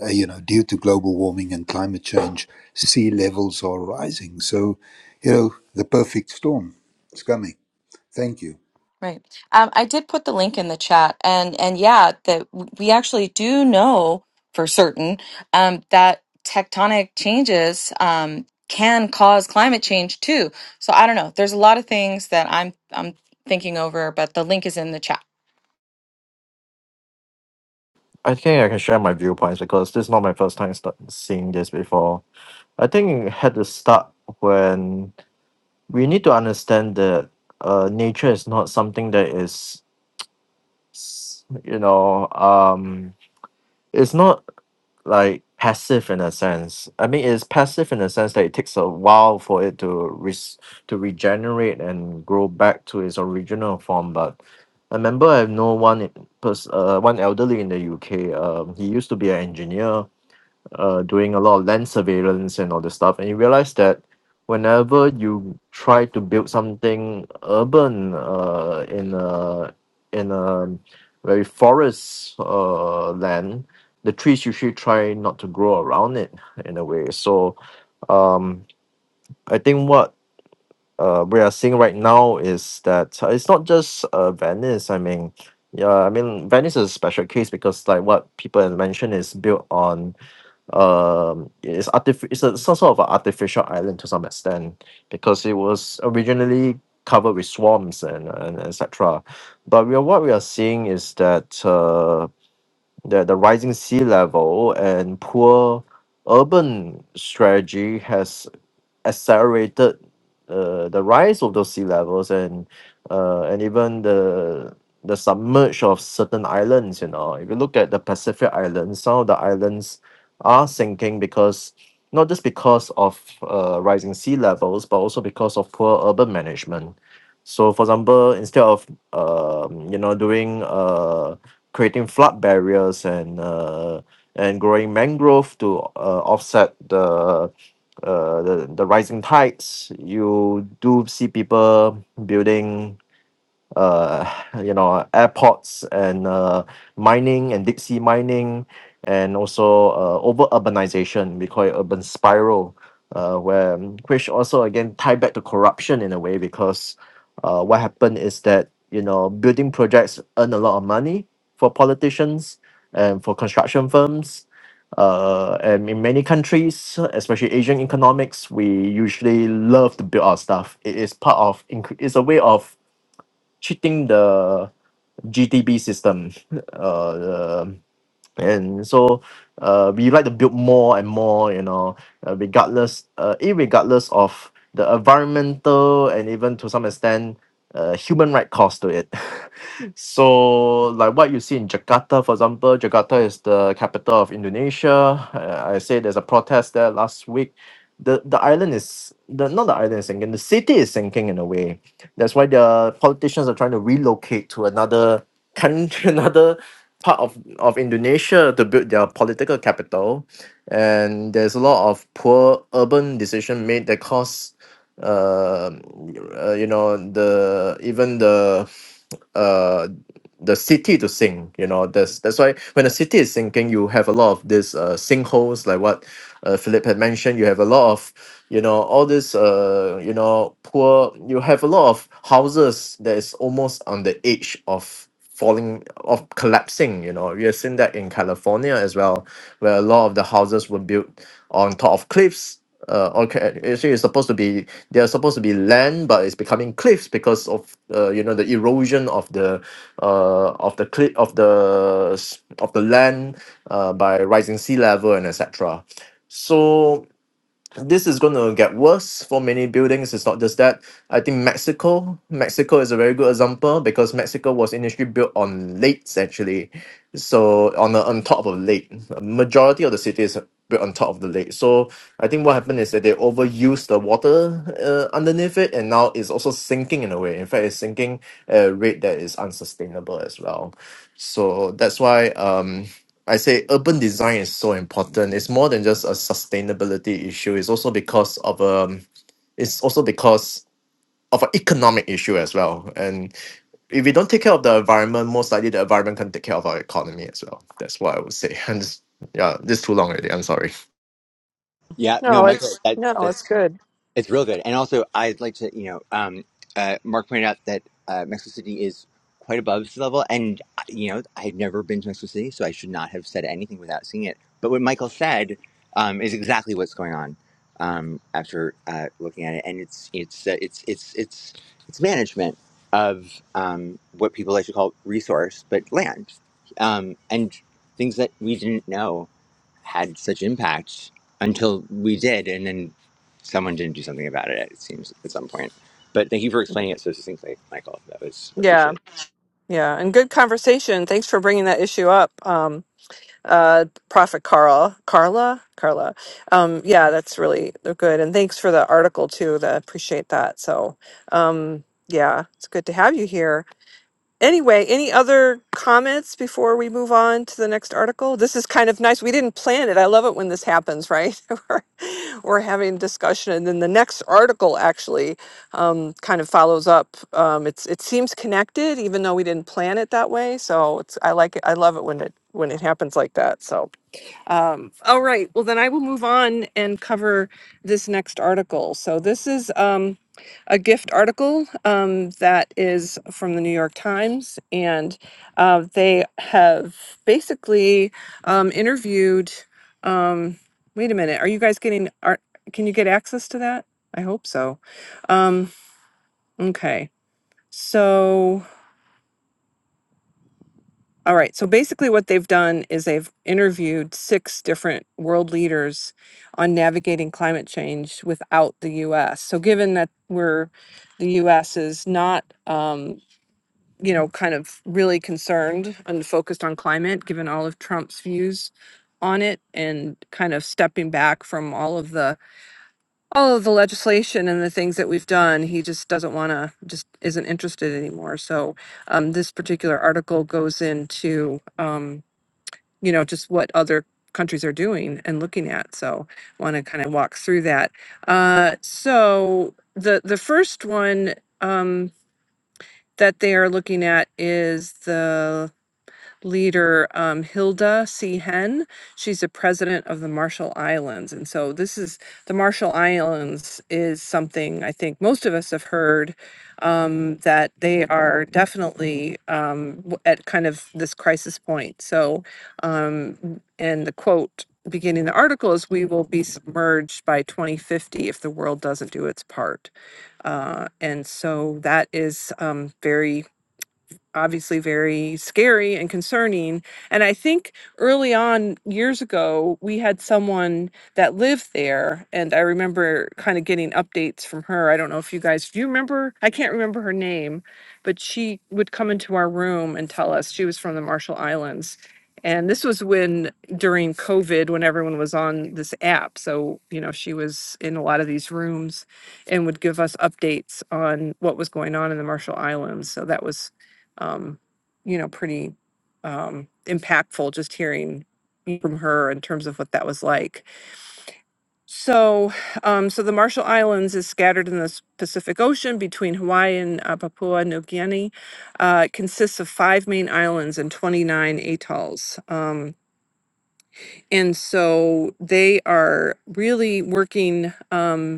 Speaker 1: uh, you know, due to global warming and climate change, sea levels are rising. So, you know, the perfect storm is coming. Thank you.
Speaker 10: Right. Um, I did put the link in the chat, and and yeah, that we actually do know for certain um, that tectonic changes um, can cause climate change too. So I don't know. There's a lot of things that I'm I'm thinking over, but the link is in the chat.
Speaker 7: i think i can share my viewpoints because this is not my first time start seeing this before i think it had to start when we need to understand that uh nature is not something that is s- you know um it's not like passive in a sense. I mean, it's passive in a sense that it takes a while for it to res- to regenerate and grow back to its original form. But I remember I know one in- pers- uh, one elderly in the UK. Um, he used to be an engineer uh, doing a lot of land surveillance and all this stuff. And you realize that whenever you try to build something urban uh, in a in a very forest uh, land, the trees usually try not to grow around it in a way. So um, I think what uh, we are seeing right now is that uh, it's not just uh, Venice. I mean, yeah, I mean Venice is a special case because like what people have mentioned is built on um it's artif- it's a some sort of an artificial island to some extent because it was originally covered with swamps and, and etc but we are, what we are seeing is that uh the, the rising sea level and poor urban strategy has accelerated uh, the rise of those sea levels and uh, and even the the submerge of certain islands. You know, if you look at the Pacific Islands, some of the islands are sinking because not just because of uh, rising sea levels, but also because of poor urban management. So, for example, instead of um, you know doing uh, creating flood barriers and uh, and growing mangrove to uh, offset the uh the the rising tides you do see people building uh, you know, airports and uh, mining and deep sea mining, and also uh, over urbanization. We call it urban spiral, uh, where um, which also again tie back to corruption in a way because uh, what happened is that you know building projects earn a lot of money for politicians and for construction firms. Uh, and in many countries, especially Asian economics, we usually love to build our stuff. It is part of, incre- it's a way of cheating the GTB system. Uh, and so uh, we like to build more and more, you know, uh, regardless, uh, irregardless of the environmental and even to some extent, uh, human right cost to it. so, like what you see in Jakarta, for example, Jakarta is the capital of Indonesia. Uh, I say there's a protest there last week the the island is the not the island is sinking. The city is sinking in a way. That's why the politicians are trying to relocate to another country, another part of of Indonesia to build their political capital. And there's a lot of poor urban decision made that cause, uh, uh, you know, the even the uh, the city to sink you know that's that's why when a city is sinking you have a lot of these uh, sinkholes like what uh, philip had mentioned you have a lot of you know all this uh you know poor you have a lot of houses that is almost on the edge of falling of collapsing you know we have seen that in california as well where a lot of the houses were built on top of cliffs uh, okay, actually, it's supposed to be they are supposed to be land, but it's becoming cliffs because of uh, you know the erosion of the uh, of the cliff of the s- of the land uh, by rising sea level and etc. So this is going to get worse for many buildings. It's not just that. I think Mexico, Mexico is a very good example because Mexico was initially built on lakes actually, so on the, on top of a lake. A majority of the city is built on top of the lake. So I think what happened is that they overused the water uh, underneath it, and now it's also sinking in a way. In fact, it's sinking at a rate that is unsustainable as well. So that's why um. I say urban design is so important. It's more than just a sustainability issue. It's also because of um it's also because of an economic issue as well. And if we don't take care of the environment, most likely the environment can take care of our economy as well. That's what I would say. And this- yeah, this is too long already. I'm sorry.
Speaker 5: Yeah, no,
Speaker 4: No,
Speaker 5: Michael,
Speaker 4: it's
Speaker 5: that's
Speaker 4: no,
Speaker 5: that's
Speaker 4: it's good.
Speaker 5: It's real good. And also, I'd like to, you know, um, uh, Mark pointed out that uh, Mexico City is quite above sea level. And, uh, you know, I've never been to Mexico City, so I should not have said anything without seeing it. But what Michael said um, is exactly what's going on um, after uh, looking at it. And it's, it's, uh, it's, it's, it's, it's management of um, what people like to call resource, but land um, and things that we didn't know had such impact until we did, and then someone didn't do something about it. It seems at some point. But thank you for explaining it so succinctly, Michael. That was
Speaker 4: Yeah,
Speaker 5: appreciated.
Speaker 4: yeah, and good conversation. Thanks for bringing that issue up. uh prophet carl carla carla um yeah that's really they're good and thanks for the article too that appreciate that so um yeah it's good to have you here anyway any other comments before we move on to the next article this is kind of nice we didn't plan it i love it when this happens right we're, we're having discussion and then the next article actually um kind of follows up um it's it seems connected even though we didn't plan it that way so it's i like it i love it when it when it happens like that so um, all right, well then I will move on and cover this next article. So this is um, a gift article um, that is from the New York Times, and uh, they have basically um, interviewed. Um, wait a minute, are you guys getting art? Can you get access to that? I hope so. Um, okay, so. All right. So basically, what they've done is they've interviewed six different world leaders on navigating climate change without the U.S. So, given that we're the U.S. is not, um, you know, kind of really concerned and focused on climate, given all of Trump's views on it and kind of stepping back from all of the all of the legislation and the things that we've done he just doesn't want to just isn't interested anymore so um, this particular article goes into um, you know, just what other countries are doing and looking at. So I want to kind of walk through that. Uh, so the the first one um, that they are looking at is the leader um, Hilda C. Hen. She's the president of the Marshall Islands. And so this is the Marshall Islands is something I think most of us have heard um, that they are definitely um, w- at kind of this crisis point. So, um, and the quote beginning the article is we will be submerged by 2050 if the world doesn't do its part uh, and so that is um, very obviously very scary and concerning. And I think early on, years ago, we had someone that lived there. And I remember kind of getting updates from her. I don't know if you guys, do you remember? I can't remember her name, but she would come into our room and tell us she was from the Marshall Islands. And this was when during COVID, when everyone was on this app. So, you know, she was in a lot of these rooms and would give us updates on what was going on in the Marshall Islands. So that was um, you know, pretty um, impactful just hearing from her in terms of what that was like. So, um, so the Marshall Islands is scattered in the s- Pacific Ocean between Hawaii and uh, Papua New Guinea. Uh, it consists of five main islands and 29 atolls. Um, and so they are really working. Um,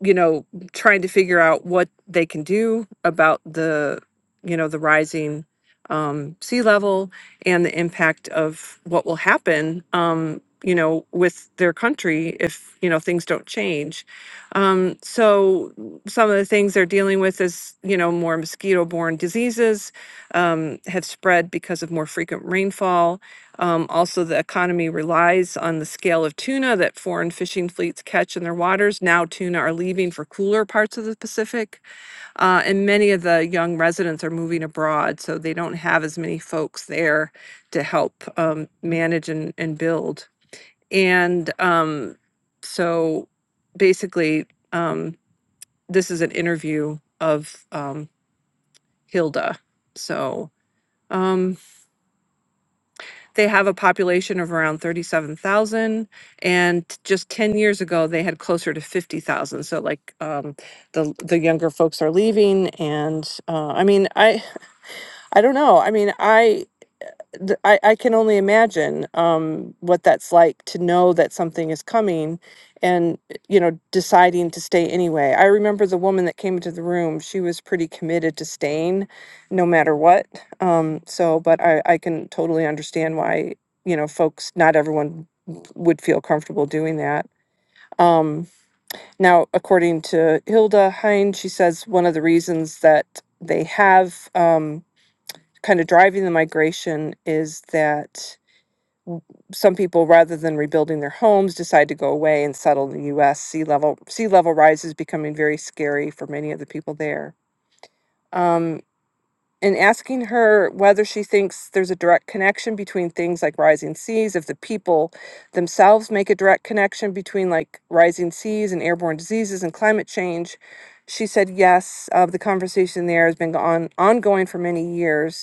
Speaker 4: you know, trying to figure out what they can do about the, you know, the rising um, sea level and the impact of what will happen, um, you know, with their country if, you know, things don't change. Um, so some of the things they're dealing with is, you know, more mosquito borne diseases um, have spread because of more frequent rainfall um, also, the economy relies on the scale of tuna that foreign fishing fleets catch in their waters. Now, tuna are leaving for cooler parts of the Pacific, uh, and many of the young residents are moving abroad, so they don't have as many folks there to help um, manage and, and build. And um, so, basically, um, this is an interview of um, Hilda. So. um, they have a population of around 37,000 and just 10 years ago they had closer to 50,000 so like um the the younger folks are leaving and uh I mean I I don't know I mean I th- I, I can only imagine um, what that's like to know that something is coming and eh, you know deciding to stay anyway i remember the woman that came into the room she was pretty committed to staying no matter what um, so but I, I can totally understand why you know folks not everyone would feel comfortable doing that um, now according to hilda hein she says one of the reasons that they have um, kind of driving the migration is that some people, rather than rebuilding their homes, decide to go away and settle in the U.S. Sea level sea level rise is becoming very scary for many of the people there. Um, and asking her whether she thinks there's a direct connection between things like rising seas, if the people themselves make a direct connection between like rising seas and airborne diseases and climate change, she said yes. Uh, the conversation there has been on ongoing for many years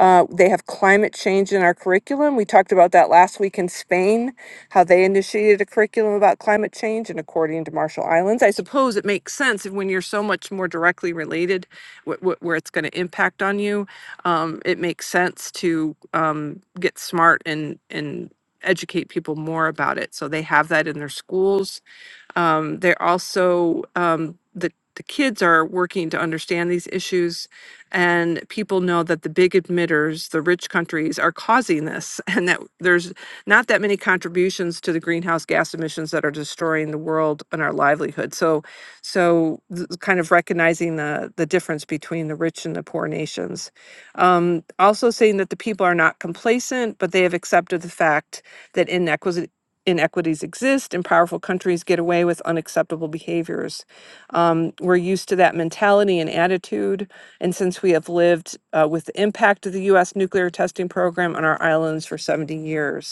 Speaker 4: uh, they have climate change in our curriculum. We talked about that last week in Spain, how they initiated a curriculum about climate change. And according to Marshall Islands, I suppose it makes sense if when you're so much more directly related, wh- wh- where it's going to impact on you, um, it makes sense to um, get smart and and educate people more about it. So they have that in their schools um, they're also um, the the kids are working to understand these issues, and people know that the big emitters, the rich countries, are causing this, and that there's not that many contributions to the greenhouse gas emissions that are destroying the world and our livelihood. So, so th- kind of recognizing the the difference between the rich and the poor nations. Um, also saying that the people are not complacent, but they have accepted the fact that inequity inequities exist and powerful countries get away with unacceptable behaviors. Um, we're used to that mentality and attitude. And since we have lived uh, with the impact of the U.S. nuclear testing program on our islands for 70 years,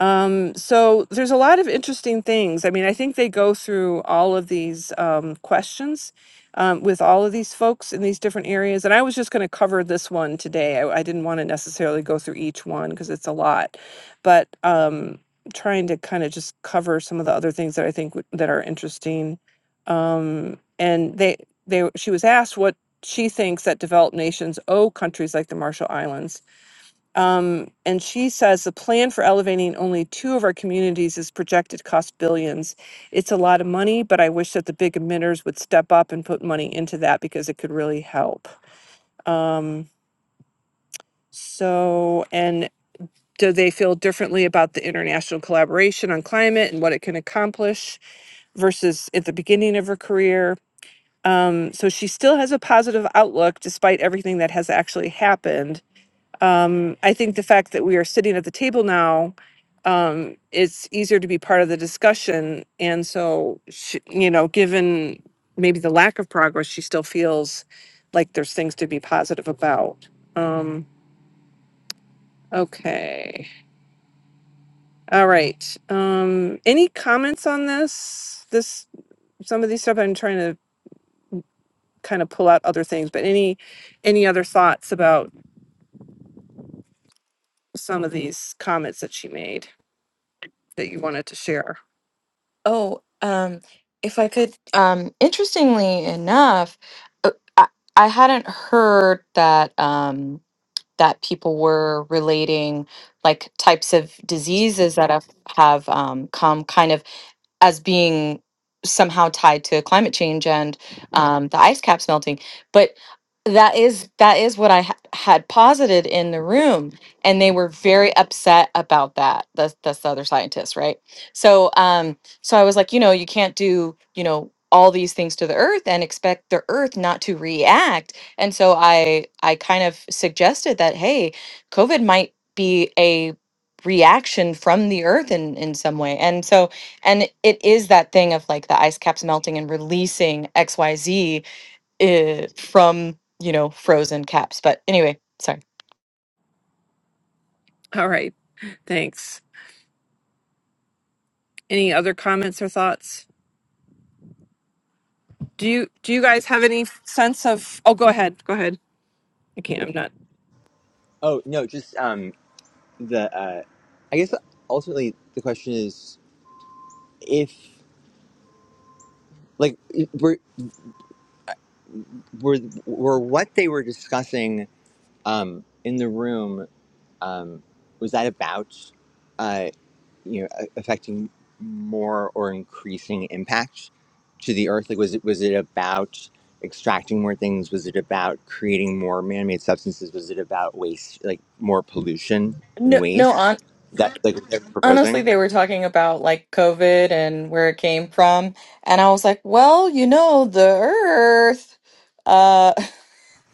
Speaker 4: um, so there's a lot of interesting things. I mean, I think they go through all of these um, questions um, with all of these folks in these different areas. And I was just going to cover this one today. I, I didn't want to necessarily go through each one because it's a lot, but um, trying to kind of just cover some of the other things that I think w- that are interesting. Um, and they, they, she was asked what she thinks that developed nations owe countries like the Marshall Islands um, and she says the plan for elevating only two of our communities is projected to cost billions. It's a lot of money, but I wish that the big emitters would step up and put money into that because it could really help. Um, so, and do they feel differently about the international collaboration on climate and what it can accomplish versus at the beginning of her career? Um, so she still has a positive outlook despite everything that has actually happened Um, I think the fact that we are sitting at the table now, um, it's easier to be part of the discussion. And so, she, you know, given maybe the lack of progress, she still feels like there's things to be positive about. Um, okay. All right. Um, any comments on this? This some of these stuff I'm trying to kind of pull out other things, but any any other thoughts about some of these comments that she made that you wanted to share?
Speaker 10: Oh, um, if I could, um, interestingly enough, uh, I, I hadn't heard that. Um, that people were relating like types of diseases that have, have um, come kind of as being somehow tied to climate change and um, the ice caps melting. But that is that is what I ha- had posited in the room, and they were very upset about that. That's that's the other scientists, right? So, um, so I was like, you know, you can't do, you know all these things to the earth and expect the earth not to react and so i i kind of suggested that hey covid might be a reaction from the earth in in some way and so and it it is that thing of like the ice caps melting and releasing xyz uh, from you know frozen caps but anyway sorry
Speaker 4: All right. Thanks. Any other comments or thoughts? Do you do you guys have any sense of? Oh, go ahead. Go ahead. I can't. I'm not.
Speaker 5: Oh no, just um, the uh, I guess ultimately the question is if like were were were what they were discussing um in the room um was that about? you know affecting more or increasing impact to the earth like was it was it about extracting more things was it about creating more man-made substances was it about waste like more pollution and
Speaker 10: no no on
Speaker 5: waste that like what they're
Speaker 10: honestly
Speaker 5: proposing
Speaker 10: they were talking about like covid and where it came from and i was like well you know the earth uh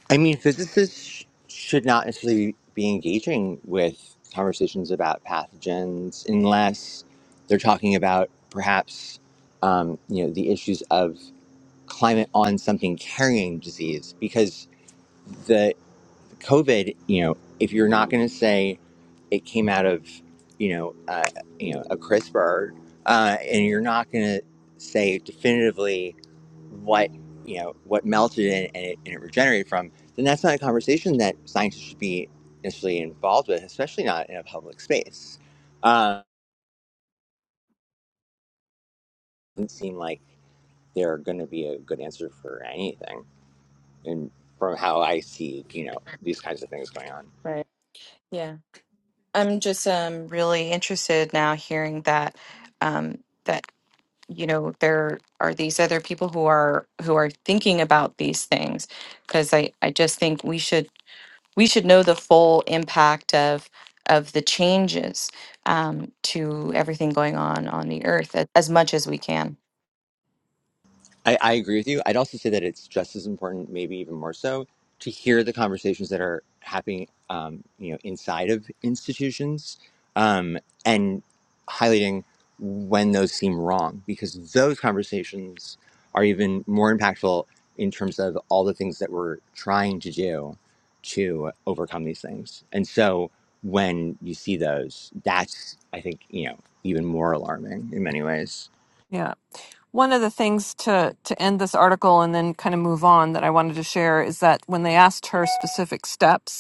Speaker 5: i mean physicists sh- should not necessarily be engaging with conversations about pathogens unless they're talking about perhaps um, you know the issues of climate on something carrying disease because the COVID, you know, if you're not going to say it came out of, you know, uh, you know, a CRISPR, uh, and you're not going to say definitively what you know what melted it and, it and it regenerated from, then that's not a conversation that scientists should be necessarily involved with, especially not in a public space. Um, it doesn't seem like they're going to be a good answer for anything, and from how I see, you know, these kinds of things going on.
Speaker 10: right yeah i'm just um really interested now hearing that um that you know there are these other people who are who are thinking about these things because i i just think we should we should know the full impact of of the changes um, to everything going on on the earth a- as much as we can
Speaker 5: I, I agree with you. I'd also say that it's just as important, maybe even more so, to hear the conversations that are happening, um, you know, inside of institutions, um, and highlighting when those seem wrong, because those conversations are even more impactful in terms of all the things that we're trying to do to overcome these things. And so, when you see those, that's I think you know even more alarming in many ways.
Speaker 4: Yeah. One of the things to to end this article and then kind of move on that I wanted to share is that when they asked her specific steps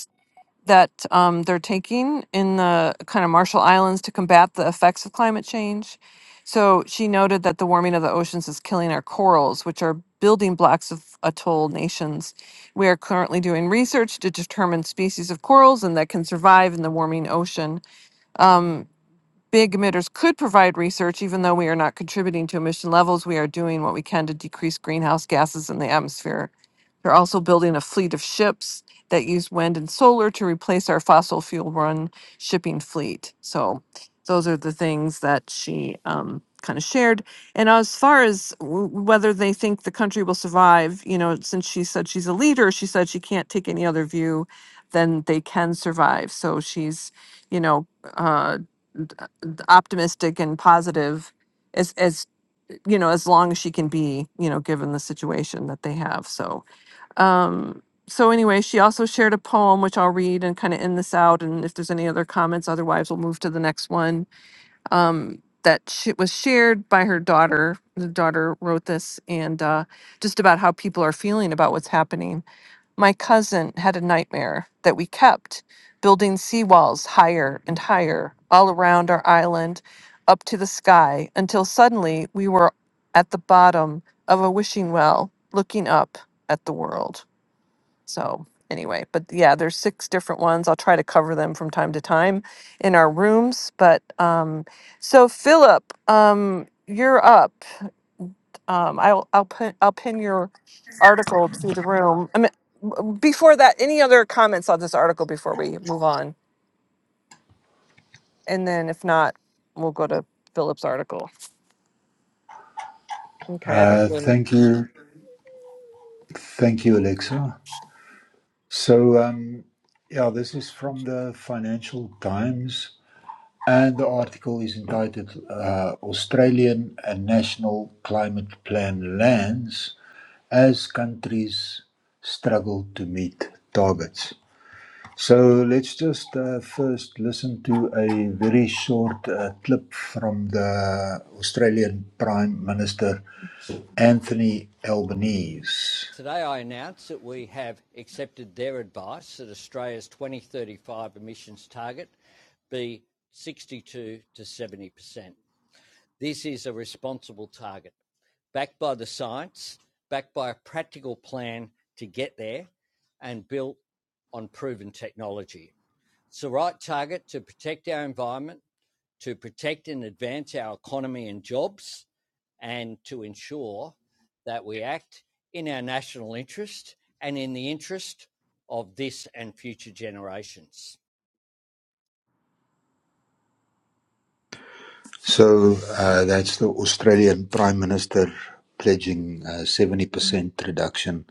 Speaker 4: that um, they're taking in the kind of Marshall Islands to combat the effects of climate change. So she noted that the warming of the oceans is killing our corals, which are building blocks of atoll nations. We are currently doing research to determine species of corals and that can survive in the warming ocean. Um, big emitters could provide research, even though we are not contributing to emission levels, we are doing what we can to decrease greenhouse gases in the atmosphere. They're also building a fleet of ships that use wind and solar to replace our fossil fuel run shipping fleet. So those are the things that she um, kind of shared. And as far as w- whether they think the country will survive, you know, since she said she's a leader, she said she can't take any other view than they can survive. So she's, you know, uh, optimistic and positive as as you know as long as she can be you know given the situation that they have so um so anyway she also shared a poem which i'll read and kind of end this out and if there's any other comments otherwise we'll move to the next one um that she, was shared by her daughter the daughter wrote this and uh, just about how people are feeling about what's happening my cousin had a nightmare that we kept building seawalls higher and higher all around our island up to the sky until suddenly we were at the bottom of a wishing well looking up at the world. So, anyway, but yeah, there's six different ones. I'll try to cover them from time to time in our rooms, but um so Philip, um you're up. Um, I'll I'll pin I'll pin your article to the room. I mean, w- before that, any other comments on this article before we move on? And then if not, we'll go to Philip's article. Okay, I don't.
Speaker 1: Uh,
Speaker 4: then-
Speaker 1: thank you. Thank you, Alexa. So, um, yeah, this is from the Financial Times, and the article is entitled uh, Australian and National Climate Plan Lands as Countries Struggle to Meet Targets. So let's just uh, first listen to a very short uh, clip from the Australian Prime Minister Anthony Albanese. So uh, that's the Australian Prime Minister pledging a 70% reduction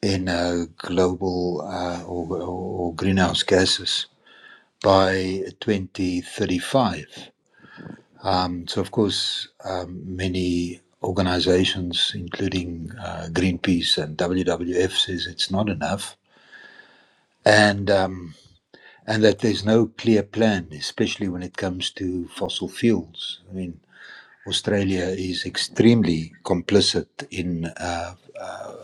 Speaker 1: in uh, global uh, or, or greenhouse gases by 2035. Um, so, of course, um, many organizations, including uh, Greenpeace and WWF, says it's not enough, and um, and that there's no clear plan, especially when it comes to fossil fuels. I mean, Australia is extremely complicit in uh,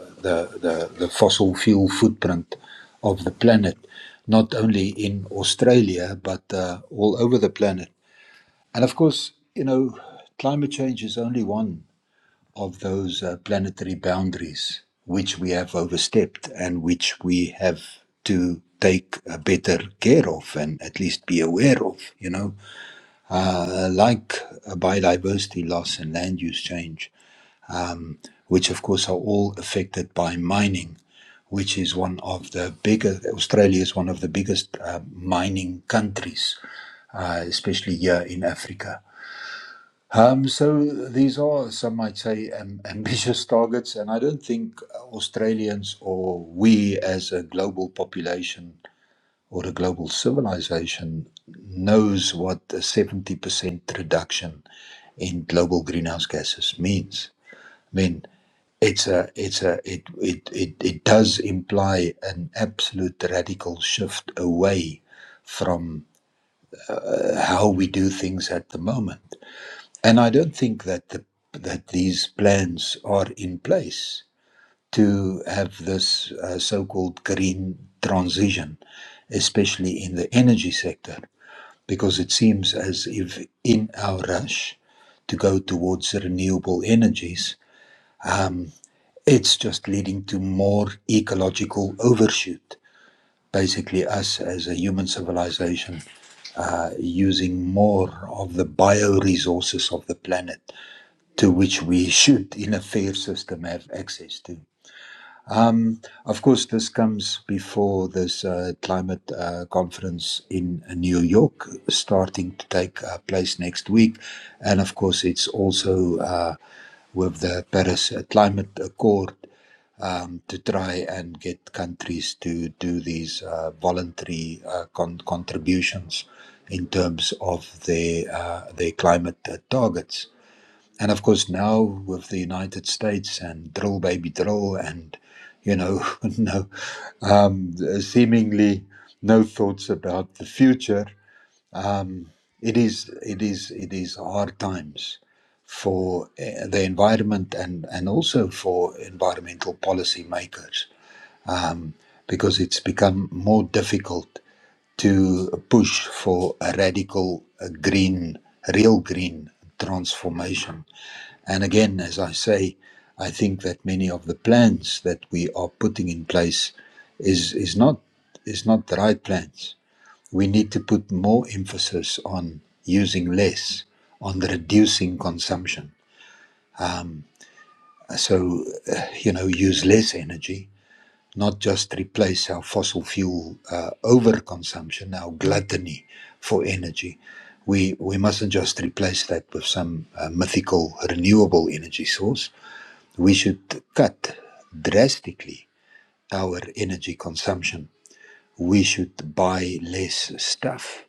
Speaker 1: the, the the fossil fuel footprint of the planet, not only in Australia but uh, all over the planet. And of course, you know, climate change is only one. of those uh, planetary boundaries which we have overstepped and which we have to take uh, better care of and at least be aware of, you know, uh, like uh, biodiversity loss and land use change, which of course are all affected by mining, which is one of the bigger, Australia is one of the biggest uh, mining countries, uh, especially here in Africa um, so these are, some might say, um, ambitious targets, and I don't think Australians or we as a global population or a global civilization knows what a 70% reduction in global greenhouse gases means. I mean, it's a, it's a, it, it, it, it does imply an absolute radical shift away from how we do things at the moment and I don't think that the, that these plans are in place to have this uh, so-called green transition, especially in the energy sector, because it seems as if in our rush to go towards renewable energies, it's just leading to more ecological overshoot. Basically, us as a human civilization uh, using more of the bioresources of the planet to which we should, in a fair system, have access to. Of course, this comes before this uh, climate uh, conference in New York, starting to take uh, place next week. And of course, it's also uh, with the Paris Climate Accord um, to try and get countries to do these uh, voluntary uh, con- contributions in terms of their uh, their climate uh, targets. And of course, now with the United States and drill, baby, drill, and you know, no, um, seemingly no thoughts about the future. It is, it is, it is hard times for uh, the environment and and also for environmental policy makers because it's become more difficult to push for a radical, a green, real green transformation and again, as I say, I think that many of the plans that we are putting in place is is not is not the right plans. We need to put more emphasis on using less, on reducing consumption. So, uh, you know, use less energy, not just replace our fossil fuel uh, overconsumption, our gluttony for energy. We we mustn't just replace that with some uh, mythical renewable energy source We should cut drastically our energy consumption. We should buy less stuff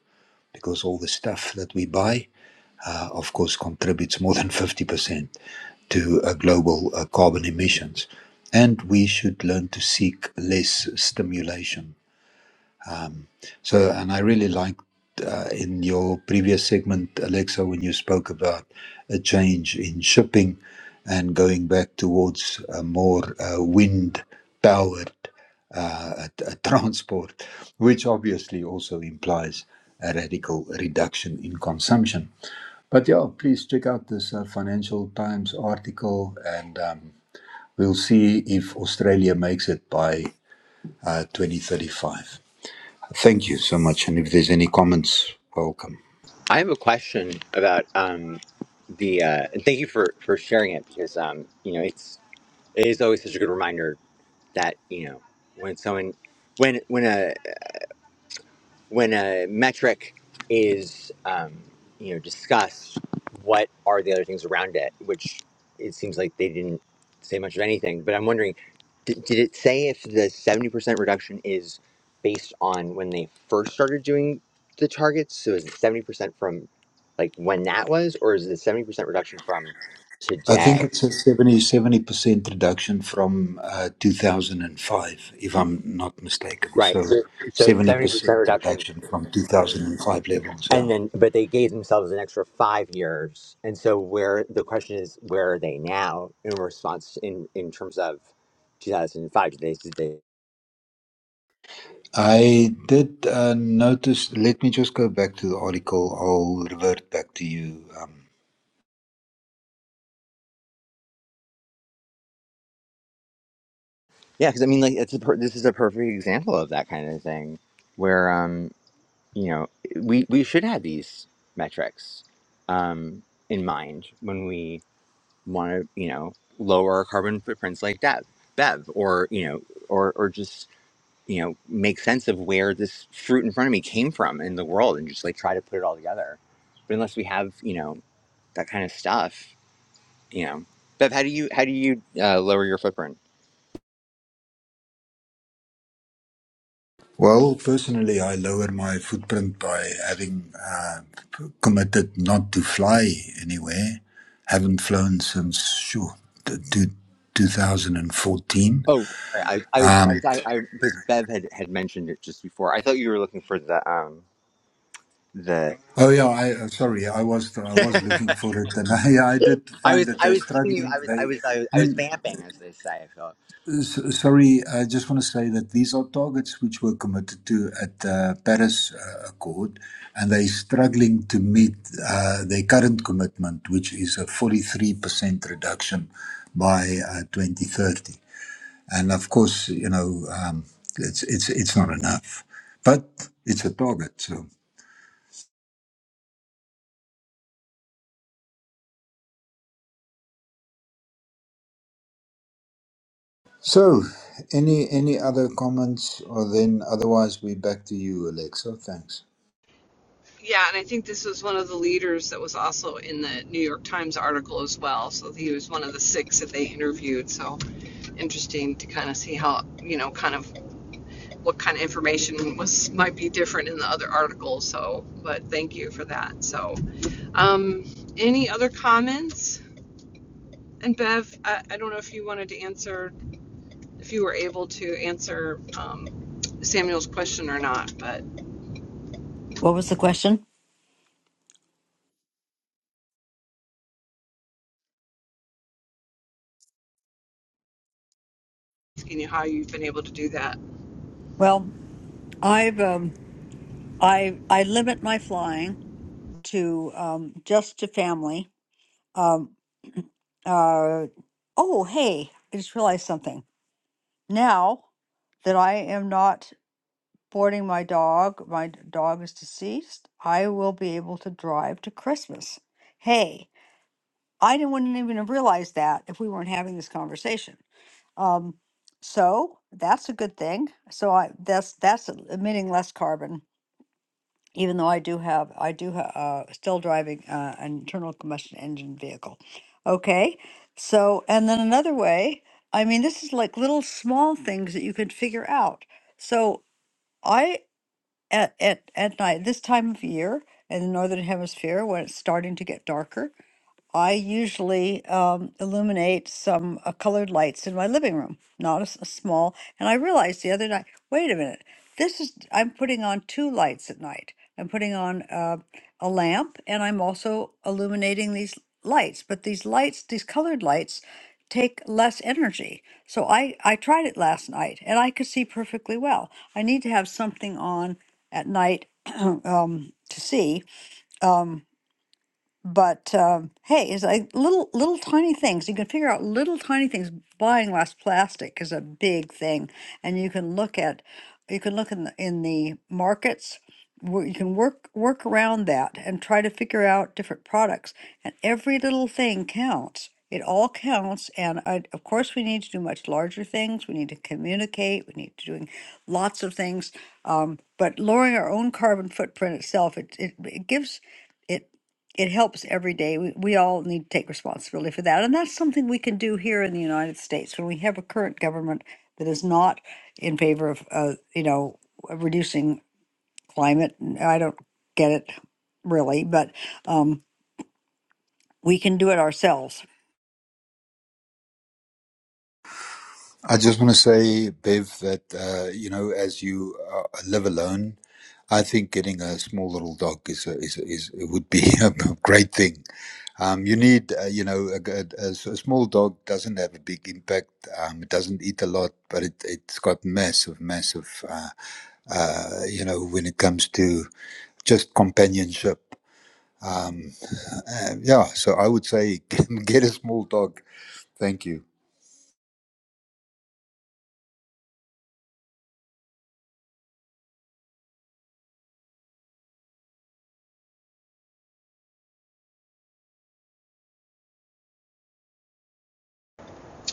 Speaker 1: because all the stuff that we buy, uh, of course, contributes more than 50% to uh, global uh, carbon emissions. And we should learn to seek less stimulation so, and I really liked uh, in your previous segment, Alexa, when you spoke about a change in shipping and going back towards a more uh, wind powered uh, t- uh, transport, which obviously also implies a radical reduction in consumption. But yeah, please check out this uh, Financial Times article and um, we'll see if Australia makes it by uh, 2035. Thank you so much. And if there's any comments, welcome.
Speaker 5: I have a question about um, the, uh, and thank you for for sharing it because um, you know it's it is always such a good reminder that you know when someone when when a when a metric is um, you know discussed, what are the other things around it? Which it seems like they didn't say much of anything. But I'm wondering, did, did it say if the seventy percent reduction is based on when they first started doing the targets? So is it seventy percent from like when that was, or is it seventy percent reduction from
Speaker 1: I
Speaker 5: today?
Speaker 1: think it's a seventy seventy percent reduction from uh, 2005, if I'm not mistaken.
Speaker 5: Right.
Speaker 1: So
Speaker 5: So so it's seventy percent
Speaker 1: 70%
Speaker 5: reduction
Speaker 1: reduction from 2005 levels,
Speaker 5: and
Speaker 1: yeah.
Speaker 5: then but they gave themselves an extra five years and so where the question is where are they now in response in in terms of 2005 did they, did they
Speaker 1: I did uh, notice, let me just go back to the article. I'll revert back to you. Um,
Speaker 5: yeah because i mean like it's a per, this is a perfect example of that kind of thing where um you know we we should have these metrics um in mind when we want to you know lower our carbon footprints like Dev bev or you know or or just you know make sense of where this fruit in front of me came from in the world and just like try to put it all together but unless we have you know that kind of stuff you know bev how do you how do you uh, lower your footprint
Speaker 1: Well, personally, I lowered my footprint by having uh, committed not to fly anywhere. Haven't flown since sure, t- t- 2014.
Speaker 5: oh sorry i i was i
Speaker 1: Um,
Speaker 5: was- i I- because bev had had mentioned it just before i thought you were looking for the um the
Speaker 1: oh yeah, I uh, sorry, I was I was looking for it, and yeah, I did
Speaker 5: i
Speaker 1: find
Speaker 5: was
Speaker 1: that
Speaker 5: i
Speaker 1: they
Speaker 5: was giving you
Speaker 1: struggling.
Speaker 5: i was i
Speaker 1: They,
Speaker 5: was i was,
Speaker 1: I
Speaker 5: I was
Speaker 1: mean.
Speaker 5: vamping as they say so
Speaker 1: S- Sorry, I just want to say that these are targets which were committed to at the Paris uh, Accord, and they're struggling to meet uh, their current commitment, which is a 43% reduction by uh, 2030. And of course, you know, um, it's it's it's not enough, but it's a target. So, so any any other comments, or then otherwise we're back to you, Alexa. Thanks.
Speaker 4: Yeah, and I think this was one of the leaders that was also in the New York Times article as well. So he was one of the six that they interviewed. So interesting to kind of see how, you know, kind of what kind of information was might be different in the other articles? So, but thank you for that. So, um, any other comments? And Bev, I, I don't know if you wanted to answer, if you were able to answer um, Samuel's question or not, but
Speaker 3: What was the question?
Speaker 4: you know how you've been able to do that.
Speaker 3: Well, I've um, I I limit my flying to um, just to family. um. Uh, oh, hey, I just realized something. Now that I am not boarding my dog, my d- dog is deceased, I will be able to drive to Christmas. Hey, I didn't, wouldn't even have realized that if we weren't having this conversation. Um, so that's a good thing. So I that's that's emitting less carbon even though I do have, I do ha- uh, still driving uh, an internal combustion engine vehicle. Okay, so and then another way. I mean, this is like little small things that you can figure out. So I at at at night this time of year in the northern hemisphere when it's starting to get darker, I usually um, illuminate some uh, colored lights in my living room, not a, s- a small. And I realized the other night, wait a minute, this is, I'm putting on two lights at night. I'm putting on uh, a lamp and I'm also illuminating these lights. But these lights, these colored lights, take less energy. So I, I tried it last night and I could see perfectly well. I need to have something on at night um, to see. um, but um, hey, it's like little little tiny things. You can figure out little tiny things. Buying less plastic is a big thing, and you can look at you can look in the in the markets. where You can work work around that and try to figure out different products. And every little thing counts. It all counts. And I, of course, we need to do much larger things. We need to communicate. We need to doing lots of things. Um, but lowering our own carbon footprint itself, it, it, it gives it helps every day. We, we all need to take responsibility for that. And that's something we can do here in the United States when we have a current government that is not in favor of, uh, you know, reducing climate. I don't get it really, but um, we can do it ourselves.
Speaker 1: I just want to say, Bev, that uh, you know, as you uh, live alone, I think getting a small little dog is a, is, a- is it would be a great thing. Um, you need, uh, you know, a, g- a s- a small dog doesn't have a big impact. Um, it doesn't eat a lot, but it it's got massive, massive, uh, uh, you know, when it comes to just companionship. Um, uh, yeah, so I would say get a small dog. Thank you.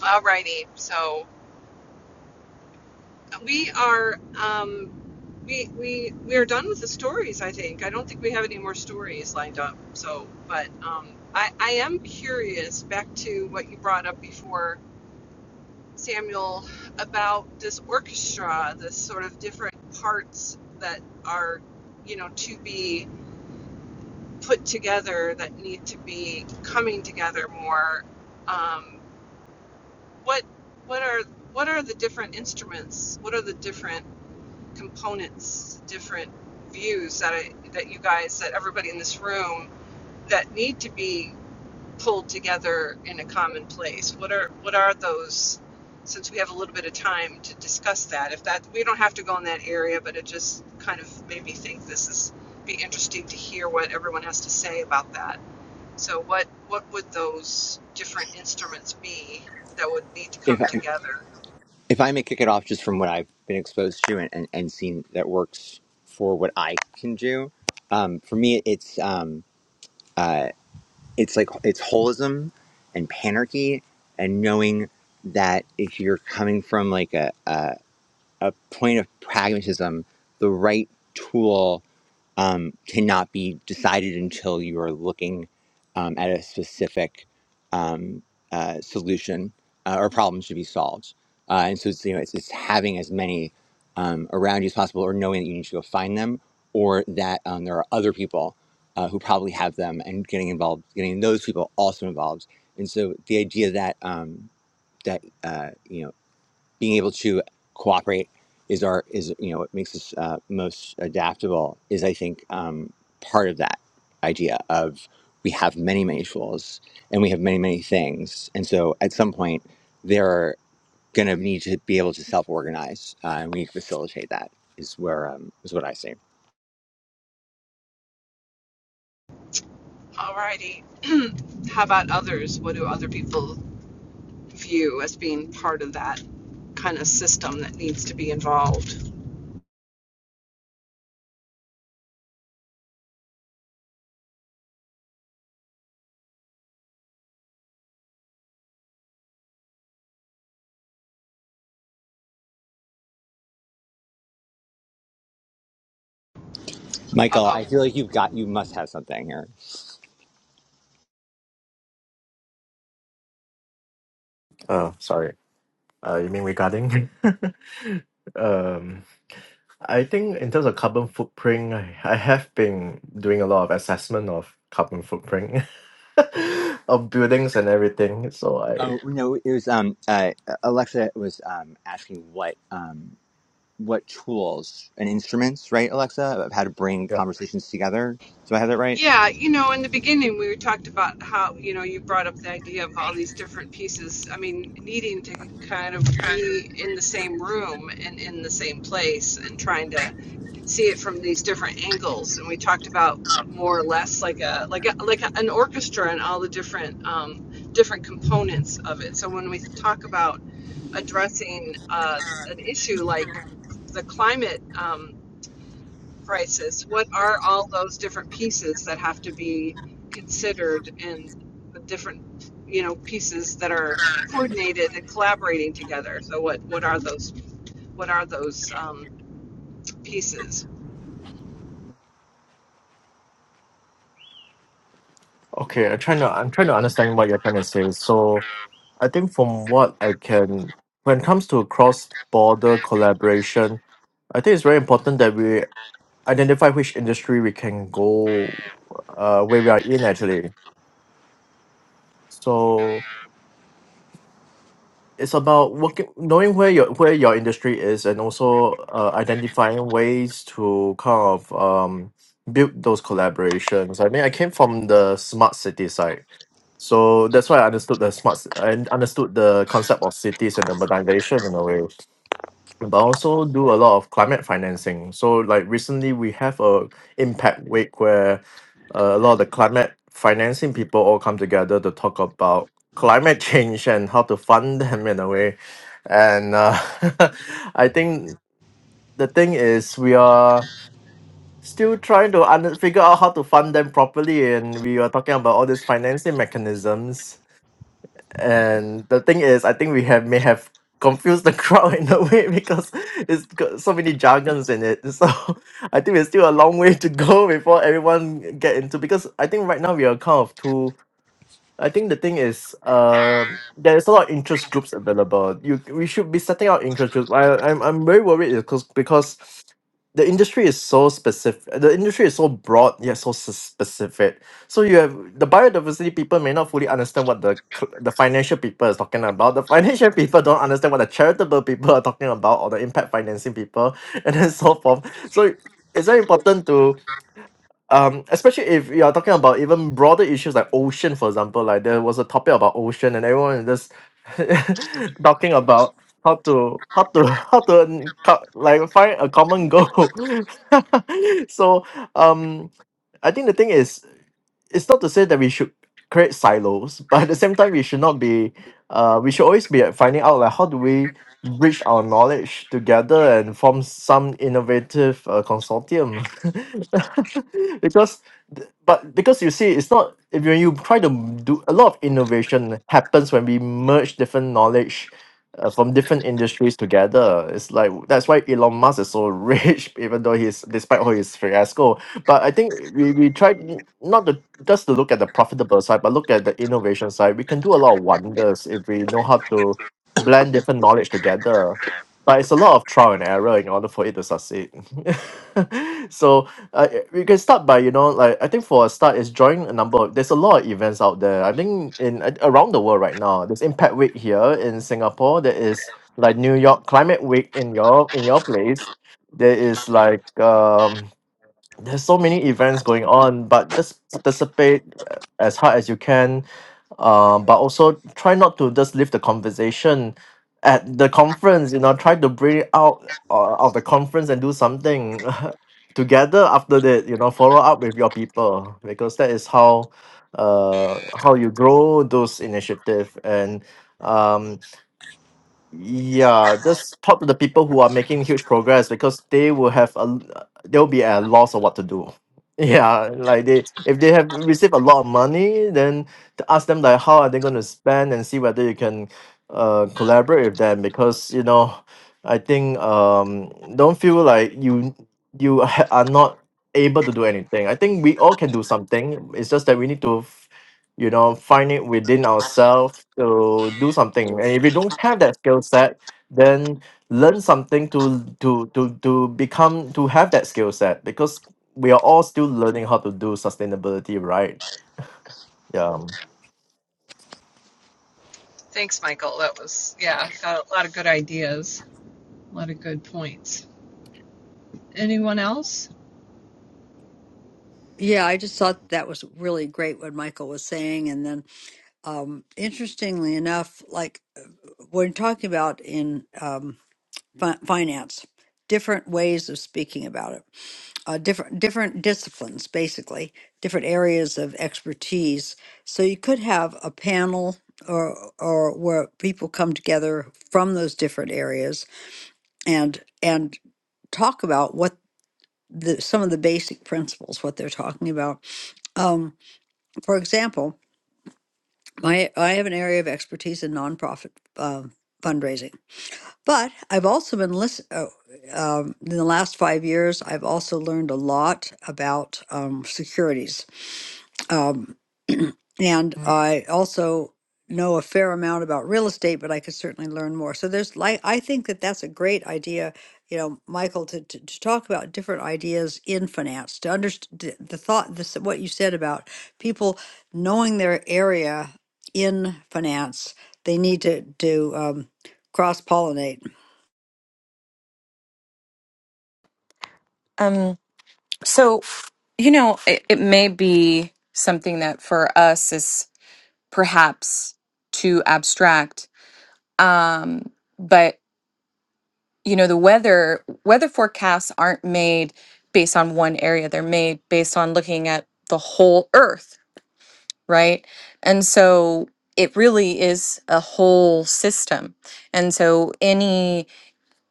Speaker 4: Alrighty, so we are um, we we we are done with the stories. I think I don't think we have any more stories lined up. So, but um, I I am curious back to what you brought up before, Samuel, about this orchestra, this sort of different parts that are you know to be put together that need to be coming together more. Um, what what are what are the different instruments? What are the different components, different views that I, that you guys, that everybody in this room, that need to be pulled together in a common place. What are what are those? Since we have a little bit of time to discuss that, if that we don't have to go in that area, but it just kind of made me think this is be interesting to hear what everyone has to say about that. So what what would those different instruments be that would need to
Speaker 5: if
Speaker 4: come
Speaker 5: I,
Speaker 4: together?
Speaker 5: if i may kick it off just from what i've been exposed to and and, and seen that works for what i can do um, for me it's uh, it's like it's holism and panarchy and knowing that if you're coming from like a, a, a point of pragmatism the right tool um, cannot be decided until you are looking um, at a specific um, uh, solution uh, or problem to be solved. Uh, and so it's, you know, it's, it's having as many um, around you as possible or knowing that you need to go find them or that um, there are other people uh, who probably have them and getting involved, getting those people also involved. And so the idea that um, that uh, you know being able to cooperate is our is you know what makes us uh, most adaptable is I think um, part of that idea of we have many many tools and we have many many things and so at some point they're going to need to be able to self organize uh, and we need to facilitate that is where um, is what I see.
Speaker 4: Alrighty. How about others? What do other people view as being part of that kind of system that needs to be involved.
Speaker 5: Michael,
Speaker 4: Uh
Speaker 5: I feel like you've got you must have something here.
Speaker 7: Uh sorry. Uh you mean regarding um I think in terms of carbon footprint, I I have been doing a lot of assessment of carbon footprint of buildings and everything. So I
Speaker 5: Oh no, it was um uh, Alexa was um asking what um what tools and instruments, right, Alexa, of how to bring
Speaker 7: Yeah.
Speaker 5: conversations together. Do I have that right?
Speaker 4: Yeah, you know, in the beginning we talked about how, you know, you brought up the idea of all these different pieces. I mean, needing to kind of be in the same room and in the same place and trying to see it from these different angles. And we talked about more or less like a like a, like a, an orchestra and all the different um, different components of it. So when we talk about addressing uh, an issue like the climate. Um, crisis. What are all those different pieces that have to be considered and the different, you know, pieces that are coordinated and collaborating together? So what what are those what are those um, pieces?
Speaker 7: Okay. I'm trying to I'm trying to understand what you're trying to say. So I think from what I can when it comes to cross border collaboration, I think it's very important that we identify which industry we can go uh where we are in actually. So it's about working knowing where your where your industry is and also uh, identifying ways to kind of um build those collaborations. I mean I came from the smart city side So that's why I understood the smart and understood the concept of cities and urbanization in a way. But I also do a lot of climate financing. So like recently we have a impact week where uh, a lot of the climate financing people all come together to talk about climate change and how to fund them in a way. And uh, I think the thing is we are still trying to under- figure out how to fund them properly and we are talking about all these financing mechanisms and the thing is, I think we have may have confused the crowd in a way because it's got so many jargons in it. So I think we're still a long way to go before everyone get into because I think right now we are kind of too I think the thing is, um, there's a lot of interest groups available. You we should be setting out interest groups. I I'm I'm very worried because because the industry is so specific. The industry is so broad yet so s- specific. So you have the biodiversity people may not fully understand what the cl- the financial people is talking about. The financial people don't understand what the charitable people are talking about or the impact financing people and then so forth. So it's very important to um especially if you are talking about even broader issues like ocean for example like there was a topic about ocean and everyone is just talking about how to how to how to n- co- like find a common goal so um i think the thing is it's not to say that we should create silos, but at the same time, we should not be. Uh, we should always be at finding out like how do we bridge our knowledge together and form some innovative uh, consortium. because, th- but because you see, it's not if you, you try to do a lot of innovation happens when we merge different knowledge. Uh, from different industries together, it's like that's why Elon Musk is so rich, even though he's despite all his fiasco. But I think we we try n- not to just to look at the profitable side, but look at the innovation side. We can do a lot of wonders if we know how to blend different knowledge together. But it's a lot of trial and error in order for it to succeed. so uh, we can start by you know like I think for a start is join a number. Of, there's a lot of events out there. I think in a- around the world right now. There's Impact Week here in Singapore. There is like New York Climate Week in your in your place. There is like um there's so many events going on but just participate uh, as hard as you can um, but also try not to just leave the conversation at the conference you know try to bring it out uh, of the conference and do something together after that you know follow up with your people because that is how uh, how you grow those initiative and um, yeah just talk to the people who are making huge progress because they will have a l- they'll be at a loss of what to do yeah like they if they have received a lot of money then to ask them like how are they going to spend and see whether you can uh collaborate with them because you know i think um don't feel like you you ha- are not able to do anything i think we all can do something it's just that we need to you know find it within ourselves to do something and if you don't have that skill set then learn something to to to to become to have that skill set because we are all still learning how to do sustainability right yeah
Speaker 4: Thanks, Michael. That was yeah, got a lot of good ideas, a lot of good points. Anyone else?
Speaker 3: Yeah, I just thought that was really great what Michael was saying. And then, um, interestingly enough, like uh, when talking about in um, fi- finance, different ways of speaking about it uh, different different disciplines, basically different areas of expertise. So you could have a panel or or where people come together from those different areas and and talk about what the some of the basic principles what they're talking about. Um, for example, my I have an area of expertise in nonprofit um fundraising, but I've also been listen. Uh, um, in the last five years, I've also learned a lot about um, securities Um, and Mm. I also know a fair amount about real estate, but I could certainly learn more. So there's like, I think that that's a great idea, you know, Michael, to, to, to talk about different ideas in finance, to understand the thought, this, what you said about people knowing their area in finance, they need to, to, um, cross pollinate.
Speaker 10: um so you know it, it may be something that for us is perhaps too abstract um but you know the weather weather forecasts aren't made based on one area they're made based on looking at the whole earth right and so it really is a whole system and so any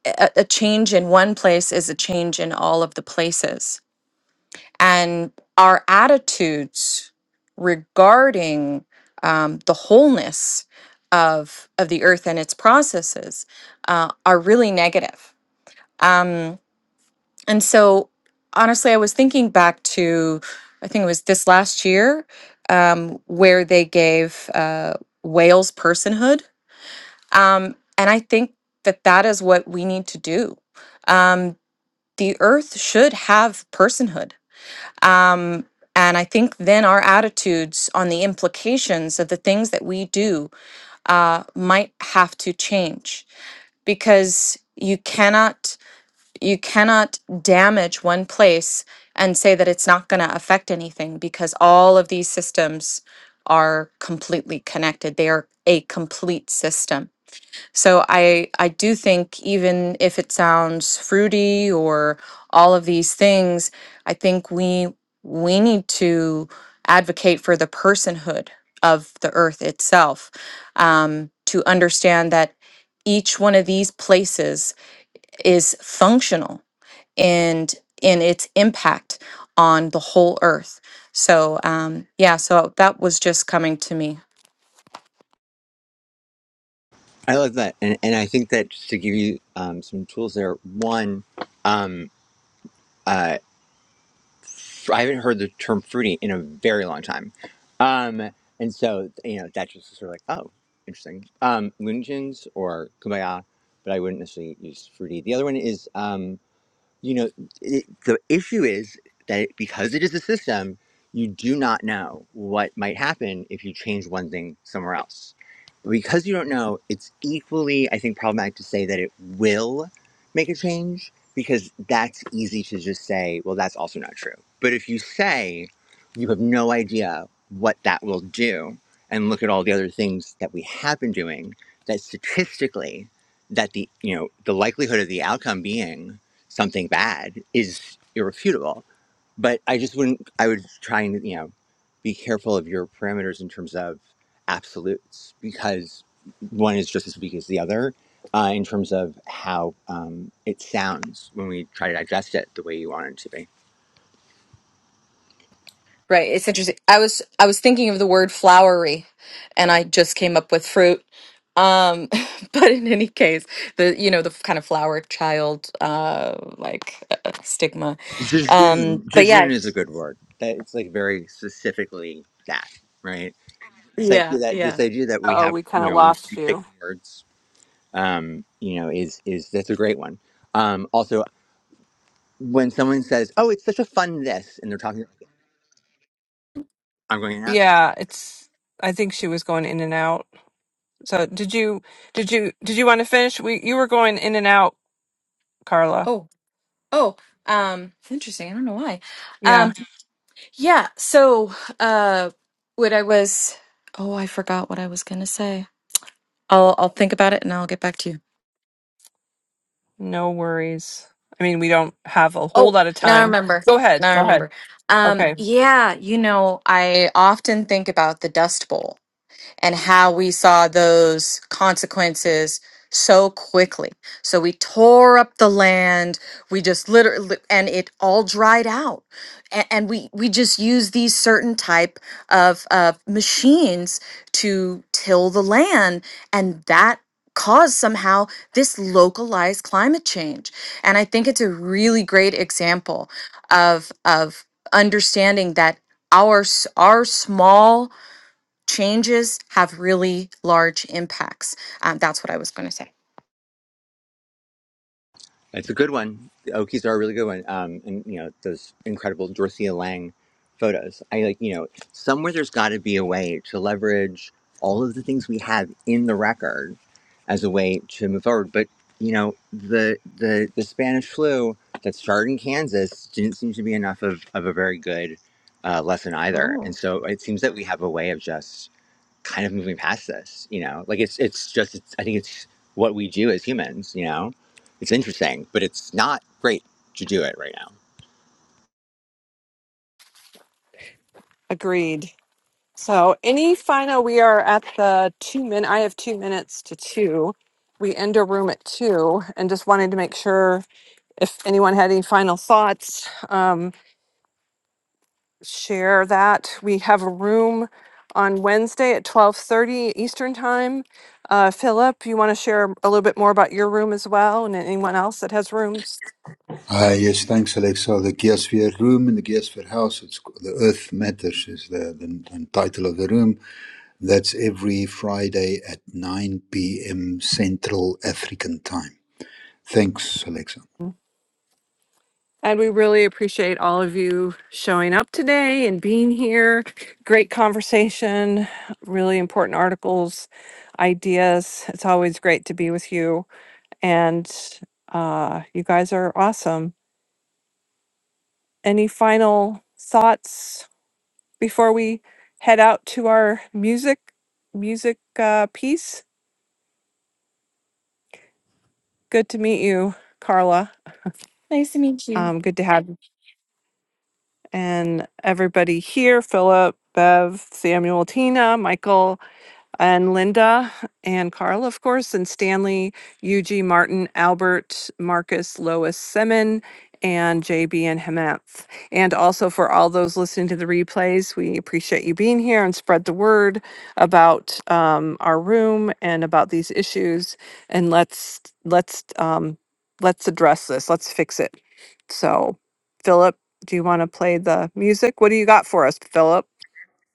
Speaker 10: a, a change in one place is a change in all of the places and our attitudes regarding um, the wholeness of of the earth and its processes uh, are really negative Um, and so, honestly, I was thinking back to, I think it was this last year, um, where they gave uh, whales personhood. Um, and I think that that is what we need to do. Um, the earth should have personhood. Um, and I think then our attitudes on the implications of the things that we do uh, might have to change because you cannot you cannot damage one place and say that it's not going to affect anything because all of these systems are completely connected they are a complete system so i i do think even if it sounds fruity or all of these things i think we we need to advocate for the personhood of the earth itself um, to understand that each one of these places is functional and in its impact on the whole earth. So um, yeah, so that was just coming to me.
Speaker 5: I love that, and and I think that just to give you um, some tools there. One, um, uh, I haven't heard the term fruity in a very long time. Um, and so, you know, that just was sort of like, oh, interesting. Um, Looney Tunes or Kumbaya, but I wouldn't necessarily use fruity. The other one is um, you know it, the issue is that it, because it is a system you do not know what might happen if you change one thing somewhere else but because you don't know it's equally i think problematic to say that it will make a change because that's easy to just say well that's also not true but if you say you have no idea what that will do and look at all the other things that we have been doing that statistically that the you know the likelihood of the outcome being something bad is irrefutable. But I just wouldn't. I would try and you know be careful of your parameters in terms of absolutes because one is just as weak as the other uh, in terms of how um, it sounds when we try to digest it the way you want it to be.
Speaker 10: Right. It's interesting. I was I was thinking of the word flowery and I just came up with fruit. Um but in any case, the you know the kind of flower child uh like uh, uh, stigma. Um
Speaker 5: Jejun,
Speaker 10: but yeah.
Speaker 5: jejun is a good word. That it's like very specifically that, right? This
Speaker 10: Yeah,
Speaker 5: idea that this
Speaker 10: yeah.
Speaker 5: idea that we
Speaker 4: Uh-oh,
Speaker 5: have,
Speaker 4: we kind
Speaker 5: you
Speaker 4: of
Speaker 5: know, we
Speaker 4: lost
Speaker 5: pick
Speaker 4: you.
Speaker 5: words, um, you know, is is that's a great one. Um, also, when someone says, "Oh, it's such a fun this," and they're talking, like, I'm going to answer.
Speaker 4: Yeah, it's I think she was going in and out. So, did you did you did you want to finish? We you were going in and out, Carla.
Speaker 10: Oh, oh. Um interesting. I don't know why. um,
Speaker 4: Yeah.
Speaker 10: Yeah. So, uh, what I was, oh, I forgot what I was gonna say. I'll I'll think about it and I'll get back to you.
Speaker 4: No worries. I mean, we don't have a whole
Speaker 10: Oh,
Speaker 4: lot of
Speaker 10: now I
Speaker 4: time.
Speaker 10: remember.
Speaker 4: Go ahead.
Speaker 10: Now I
Speaker 4: Go ahead.
Speaker 10: remember. Um,
Speaker 4: Okay.
Speaker 10: yeah, you know, I often think about the Dust Bowl and how we saw those consequences so quickly. So we tore up the land. We just literally, and it all dried out. And, and we we just used these certain type of of machines to till the land, and that caused somehow this localized climate change. And I think it's a really great example of of understanding that our s- our small Changes have really large impacts. Um, that's what I was going to say.
Speaker 5: It's a good one. The Okies are a really good one. Um, and you know those incredible Dorothea Lange photos. I like you know somewhere there's got to be a way to leverage all of the things we have in the record as a way to move forward. But you know the the the Spanish flu that started in Kansas didn't seem to be enough of of a very good uh, lesson either.
Speaker 10: Oh, nice
Speaker 5: And so it seems that we have a way of just kind of moving past this you know like it's it's just it's, i think it's what we do as humans you know it's interesting but it's not great to do it right now
Speaker 4: Agreed. So, any final, we are at the two min. I have two minutes to two. We end a room at two, and just wanted to make sure if anyone had any final thoughts, um, share that. We have a room on Wednesday at twelve thirty Eastern time. Uh, Philip, you want to share a little bit more about your room as well, and anyone else that has rooms?
Speaker 1: Ah, yes, thanks, Alexa. The Geosphere Room in the Geosphere House. It's c- the Earth Matters is the, the, the title of the room. That's every Friday at 9 p.m. Central African time. Thanks, Alexa.
Speaker 4: And we really appreciate all of you showing up today and being here. Great conversation, really important articles, ideas. It's always great to be with you. And uh, you guys are awesome. Any final thoughts before we head out to our music music uh, piece? Good to meet you, Carla.
Speaker 10: to meet you.
Speaker 4: Um, good to have you. and everybody here, Philip, Bev, Samuel, Tina, Michael, and Linda and Carl, of course, and Stanley, UG Martin, Albert, Marcus, Lois Simon, and JB and Hemant. And also for all those listening to the replays, we appreciate you being here and spread the word about um, our room and about these issues. And let's let's um, let's address this. Let's fix it. So, Philip, do you want to play the music? What do you got for us, Philip?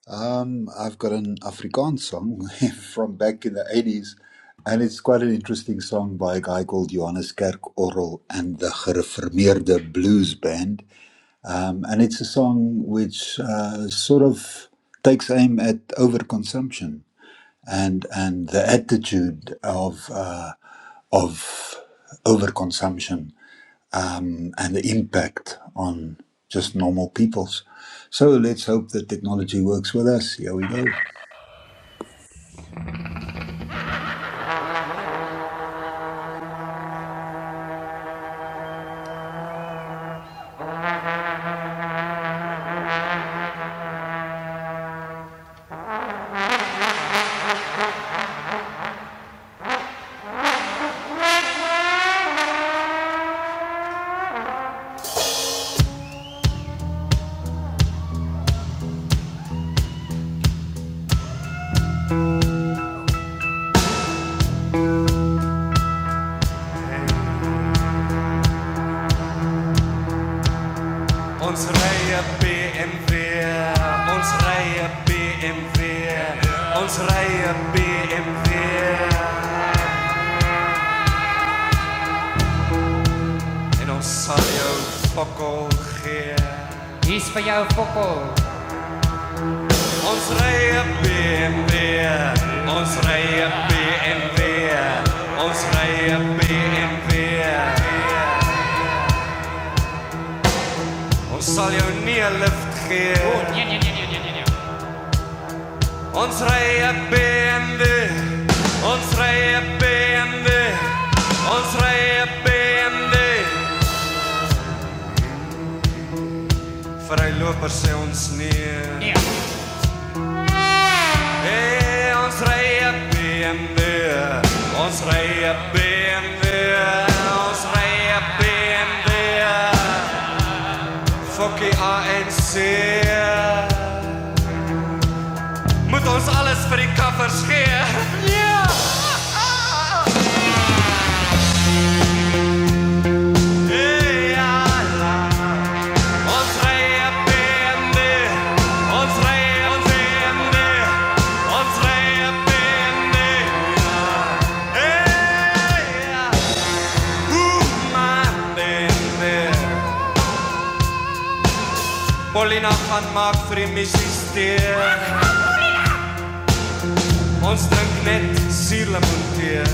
Speaker 1: Um, I've got an Afrikaans song from back in the 80s, and it's quite an interesting song by a guy called Johannes Kerk Orrel and the Gereformeerde Blues Band. Um, and it's a song which uh, sort of takes aim at overconsumption and and the attitude of uh, of overconsumption um, and the impact on just normal peoples. So let's hope that technology works with us. Here we go.
Speaker 2: Unsere BMW, unsere BMW, unsere BMW. In ons sal jou fokol gee. Ons ry 'n BMW, ons ry 'n BMW, ons ry 'n BMW. Ons sal jou nie 'n lift gee. Ons ry 'n BMW, ons ry 'n BMW, ons ry 'n BMW. Vir hy loper sê ons nee. Hey, ons ry 'n BMW, ons ry 'n BMW, ons ry 'n BMW. Fokkie ANC. Moet ons alles vir die kaffers gee? Ja. Hey, ja. la. Ons ry 'n BMW, ons ry 'n BMW, ons ry 'n BMW. Hey, ja. Ooh, my BMW. Όλοι να παν μαύρη μισιστή Ons drink net sielemoentee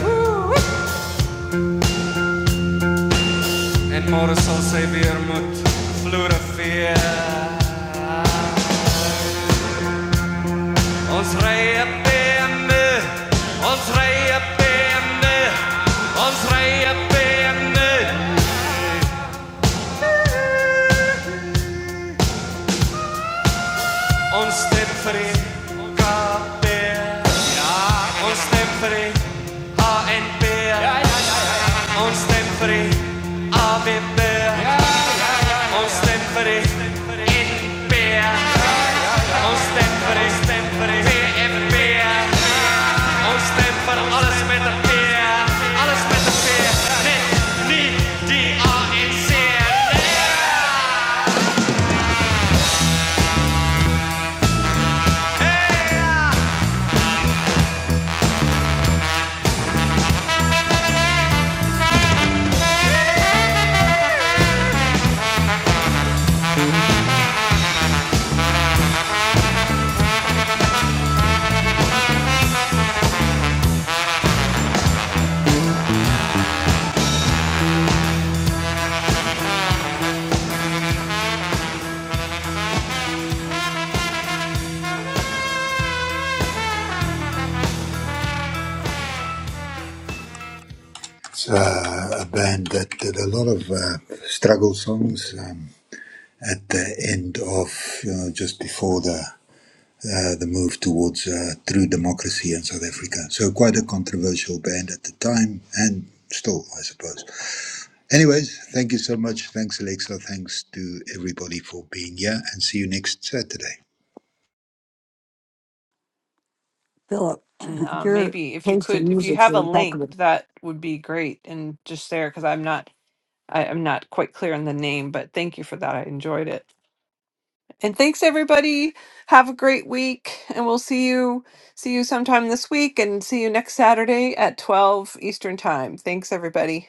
Speaker 2: En môre sal sy weer moet floreveer Ons ry 'n BMW Ons ry 'n BMW Ons ry 'n BMW Ons stem vir die KP Ja, ons stem vir die HNP Ja, On stemfri av i bør. On stemfri in beer. On stemfri, stemfri beer. On stemfer alles met de beer, Alles met de beer. Net niet die ANC. Hey, ja.
Speaker 1: It's uh, a band that did a lot of uh, struggle songs um, at the end of you know just before the uh, the move towards uh, true democracy in South Africa. So quite a controversial band at the time and still, I suppose. Anyways, thank you so much. Thanks, Alexa. Thanks to everybody for being here and see you next Saturday.
Speaker 3: Philip,
Speaker 4: And um,
Speaker 3: your
Speaker 4: maybe if you
Speaker 3: case.
Speaker 4: could, if you have a
Speaker 3: is
Speaker 4: link, that would be great. And just there, because I'm not, I, I'm not quite clear on the name, but thank you for that. I enjoyed it. And thanks everybody. Have a great week, and we'll see you, see you sometime this week, and see you next Saturday at 12 Eastern Time. Thanks everybody.